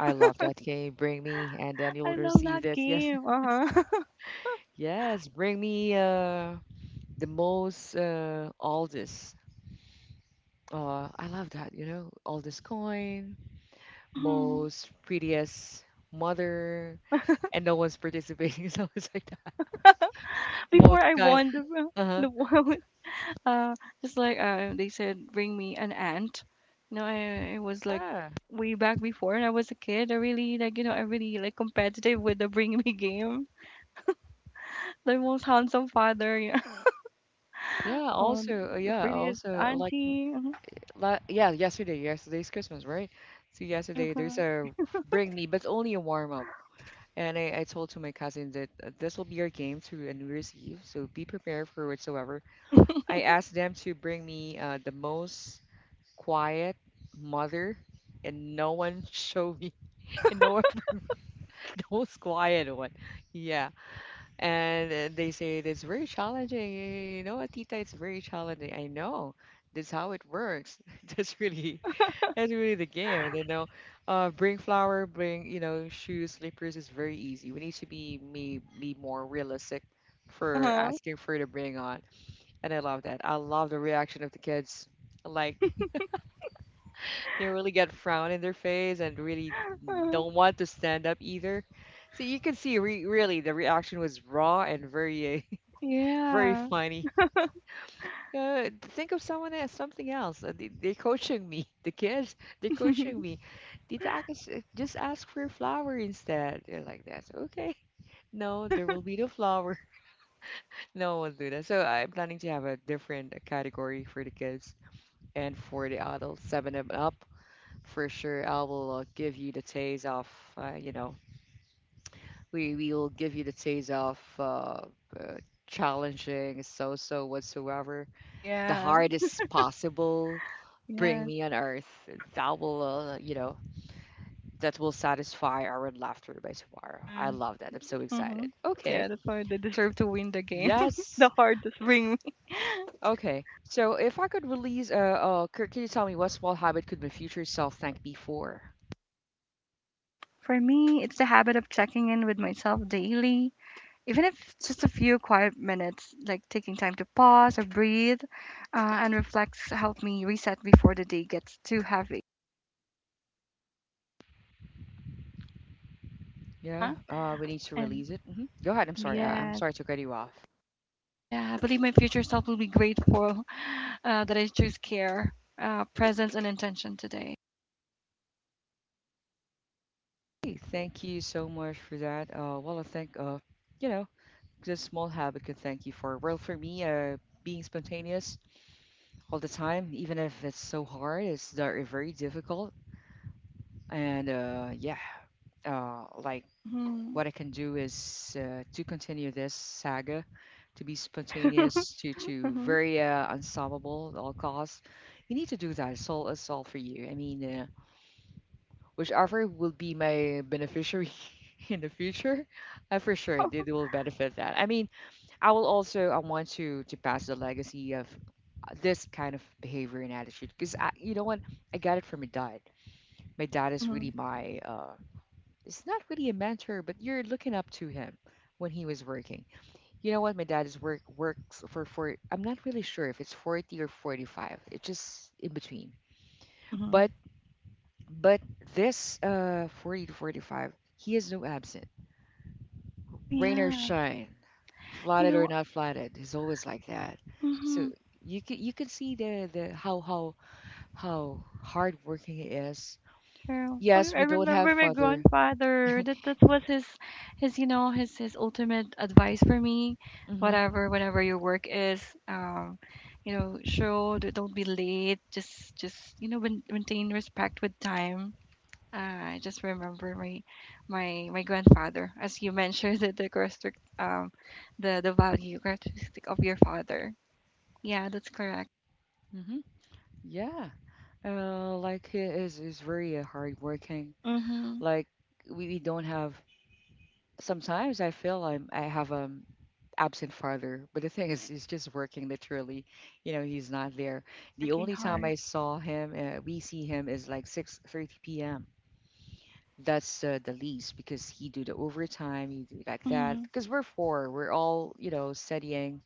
Speaker 1: I love that. Can you bring me? And then you'll
Speaker 2: I love
Speaker 1: receive
Speaker 2: that
Speaker 1: this. Yes,
Speaker 2: game. Uh-huh.
Speaker 1: yes. Bring me uh the most uh oldest. Uh, I love that. You know, oldest coin,
Speaker 2: Hmm.
Speaker 1: most prettiest mother, and no one's participating. So it's like that.
Speaker 2: Before
Speaker 1: Most
Speaker 2: I
Speaker 1: kind.
Speaker 2: won the ro-
Speaker 1: Uh
Speaker 2: the world, uh, just like uh, they said, bring me an ant. You know, I, it was like
Speaker 1: huh.
Speaker 2: way back before when I was a kid. I really like you know I really like competitive with the bring me game. The most handsome father, yeah.
Speaker 1: Yeah,
Speaker 2: Um,
Speaker 1: also, uh,
Speaker 2: the
Speaker 1: yeah,
Speaker 2: prettiest
Speaker 1: also uh, like
Speaker 2: auntie.
Speaker 1: la yeah, yesterday, yesterday's Christmas, right? So yesterday there's
Speaker 2: Uh-huh.
Speaker 1: a bring me, but only a warm up. And I, I told to my cousin that uh, this will be our game to a New Year's Eve, so be prepared for whatsoever. I asked them to bring me uh, the most quiet mother, and no one showed me, and no one bring me the most quiet one. Yeah, and uh, they say it's very challenging. You know what, Tita, it's very challenging. I know. That's how it works. That's really that's really the game. You know, uh, bring flour, bring you know shoes, slippers is very easy. We need to be me be more realistic for
Speaker 2: Uh-huh.
Speaker 1: asking for to bring on. And I love that. I love the reaction of the kids. Like they really get frown in their face and really
Speaker 2: Uh-huh.
Speaker 1: don't want to stand up either. So you can see re really the reaction was raw and very uh, very
Speaker 2: Yeah.
Speaker 1: funny. Uh, think of someone as something else. Uh, They, they're coaching me. The kids, they're coaching me. Tita Akis, uh, just ask for a flower instead. They're like that. So, okay. No, there will be no flower. No one will do that. So I'm planning to have a different uh, category for the kids and for the adults. Seven and up for sure. I will uh, give you the taste of, uh, you know, we we will give you the taste of uh, uh, challenging, so so whatsoever the
Speaker 2: Yeah.
Speaker 1: hardest possible bring
Speaker 2: Yes.
Speaker 1: me on earth that will uh, you know, that will satisfy our laughter by tomorrow. I
Speaker 2: Yeah.
Speaker 1: love that. I'm so
Speaker 2: Mm-hmm.
Speaker 1: excited. Okay,
Speaker 2: Yeah, that's why they deserve to win the game. The
Speaker 1: yes.
Speaker 2: hardest ring.
Speaker 1: Okay, so if I could release uh, uh c- can you tell me what small habit could my future self thank me for?
Speaker 2: For me, it's the habit of checking in with myself daily, even if it's just a few quiet minutes, like taking time to pause or breathe, uh, and reflects help me reset before the day gets too heavy. Uh
Speaker 1: Yeah,
Speaker 2: huh.
Speaker 1: uh we need to
Speaker 2: And
Speaker 1: release it. Hmm, go ahead. I'm sorry, I- I'm
Speaker 2: yes,
Speaker 1: sorry to cut you off.
Speaker 2: oh yeah, I believe my future self will be grateful, uh, that I choose care, uh, presence, and intention today.
Speaker 1: Hey, thank you so much for that. Uh, well, I think, uh, you know, just small habit can thank you for. Well, for me, uh, being spontaneous, all the time, even if it's so hard, it's very, very difficult. And uh, yeah, uh, like
Speaker 2: Mm-hmm.
Speaker 1: what I can do is uh, to continue this saga, to be spontaneous, to to
Speaker 2: Mhm.
Speaker 1: very uh, unstoppable at all costs. You need to do that. It's all it's all for you. I mean, uh, whichever will be my beneficiary in the future, I for sure they, they will benefit that. I mean, I will also I want to to pass the legacy of uh, this kind of behavior and attitude, because I, you know what, I got it from my dad. My dad is really
Speaker 2: Mhm.
Speaker 1: my uh it's not really a mentor, but you're looking up to him when he was working. You know what, my dad is work works for for I'm not really sure if it's forty or forty-five. It's just in between. But
Speaker 2: Mhm.
Speaker 1: but this uh forty to forty-five he is no absent.
Speaker 2: Oh
Speaker 1: Rain or
Speaker 2: yeah.
Speaker 1: shine,
Speaker 2: You
Speaker 1: flatted or
Speaker 2: know.
Speaker 1: not flatted. He's always like that. So
Speaker 2: Mhm.
Speaker 1: you can you can see the the how how how hardworking he is.
Speaker 2: True. Oh,
Speaker 1: Yes,
Speaker 2: I
Speaker 1: we don't have
Speaker 2: remember my
Speaker 1: father.
Speaker 2: grandfather. That that was his, his you know his his ultimate advice for me.
Speaker 1: Mhm.
Speaker 2: Whatever, whatever your work is, um, you know, show d- don't be late. Just just you know main- maintain respect with time. Uh, I just remember my my my grandfather, as you mentioned, the the characteristic, um, the the value characteristic of your father. Yeah, that's correct.
Speaker 1: Mhm. Yeah. Uh, like he is is very uh, hardworking.
Speaker 2: Mm-hmm.
Speaker 1: Like we, we don't have. Sometimes I feel I'm I have um absent father, but the thing is he's just working literally. You know, he's not there. The
Speaker 2: Working
Speaker 1: only time I
Speaker 2: hard.
Speaker 1: saw him, uh, we see him is like six thirty p m. That's uh, the least because he do the overtime, he do like that.
Speaker 2: Mhm.
Speaker 1: Because we're four, we're all you know studying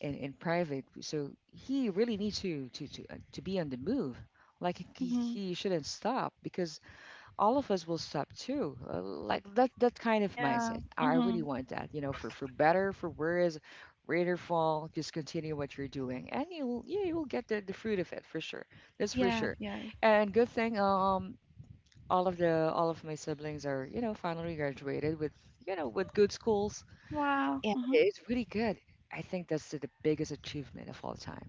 Speaker 1: in, in private, so he really needs to to to, uh, to be on the move. Like he,
Speaker 2: Mhm.
Speaker 1: he shouldn't stop because all of us will stop too. Uh, like that that kind of
Speaker 2: Yeah.
Speaker 1: mindset. I really
Speaker 2: Mhm.
Speaker 1: want that. You know, for for better, for worse, rain or fall, just continue what you're doing, and you will yeah you will get the the fruit of it for sure. That's for
Speaker 2: Yes,
Speaker 1: sure.
Speaker 2: yes.
Speaker 1: And good thing, um all of the all of my siblings are, you know, finally graduated with, you know, with good schools,
Speaker 2: Wow.
Speaker 1: and
Speaker 2: Mhm.
Speaker 1: it's really good. I think that's the biggest achievement of all time.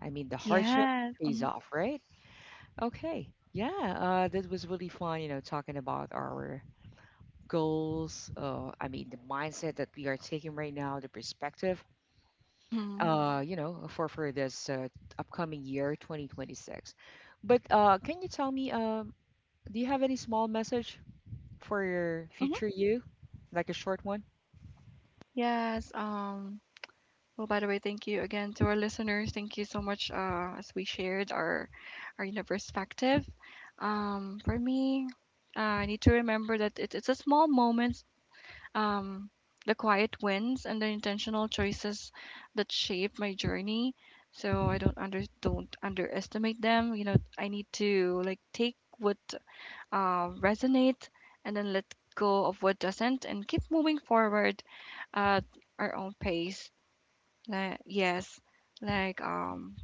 Speaker 1: I mean, the hardship
Speaker 2: Yes.
Speaker 1: pays
Speaker 2: Mhm.
Speaker 1: off, right? Okay, yeah, uh this was really fun, you know, talking about our goals. uh I mean, the mindset that we are taking right now, the perspective,
Speaker 2: Mhm.
Speaker 1: uh you know, for for this uh, upcoming year twenty twenty-six. But uh can you tell me, um do you have any small message for your
Speaker 2: Mhm.
Speaker 1: future you, like a short one?
Speaker 2: Yes. Um, well, by the way, thank you again to our listeners. Thank you so much uh as we shared our our you know, perspective. Um, for me, uh, I need to remember that it, it's a small moment, um, the quiet wins and the intentional choices that shaped my journey. So I don't under don't underestimate them. You know, I need to like take what uh, resonates and then let go of what doesn't and keep moving forward at our own pace. Like, yes, like um,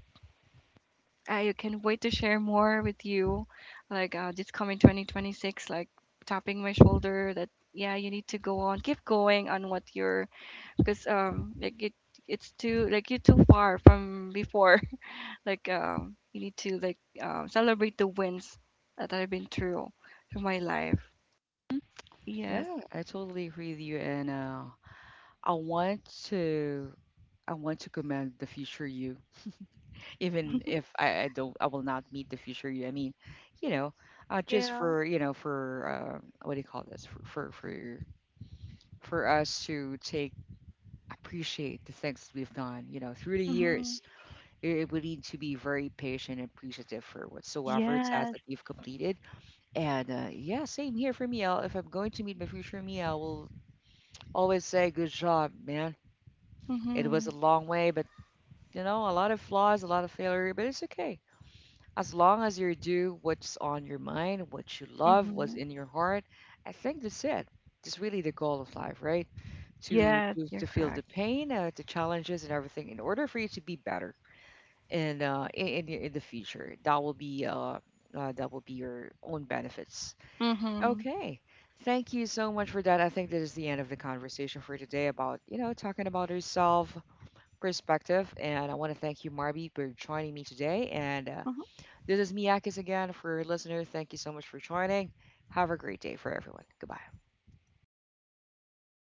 Speaker 2: I can wait to share more with you. Like uh, this coming twenty twenty-six, like tapping my shoulder that yeah, you need to go on, keep going on what you're, because um like it it's too, like you're too far from before. Like um you need to like um celebrate the wins that I've been through through my life.
Speaker 1: Mhm.
Speaker 2: Yes.
Speaker 1: Yeah, I totally agree with you, and uh, I want to I want to commend the future you, even if I, I don't I will not meet the future you. I mean, you know, uh, just
Speaker 2: Yeah.
Speaker 1: for you know for uh, what do you call this, for for for for us to take, appreciate the things we've done. You know, through the
Speaker 2: Mm-hmm.
Speaker 1: years, it, it would need to be very patient and appreciative for whatsoever task
Speaker 2: Yes.
Speaker 1: that you've completed. And uh, yeah, same here for me. I'll, if I'm going to meet my future me, I will always say, "Good job, man. It was
Speaker 2: Mm-hmm.
Speaker 1: a long way, but you know, a lot of flaws, a lot of failure, but it's okay. As long as you do what's on your mind, what you love, what's
Speaker 2: Mm-hmm.
Speaker 1: in your heart, I think that's it. That's really the goal of life, right? To
Speaker 2: Yes,
Speaker 1: to,
Speaker 2: you're
Speaker 1: to feel the
Speaker 2: correct.
Speaker 1: pain, uh, the challenges, and everything, in order for you to be better and uh, in in, the- in the future. That will be uh, uh, that will be your own benefits."
Speaker 2: Mm-hmm.
Speaker 1: Okay. Thank you so much for that. I think that is the end of the conversation for today about, you know, talking about yourself perspective. And I want to thank you, Marby, for joining me today. And uh,
Speaker 2: Mm-hmm.
Speaker 1: this is Miyakis again for your listener. Thank you so much for joining. Have a great day for everyone. Goodbye.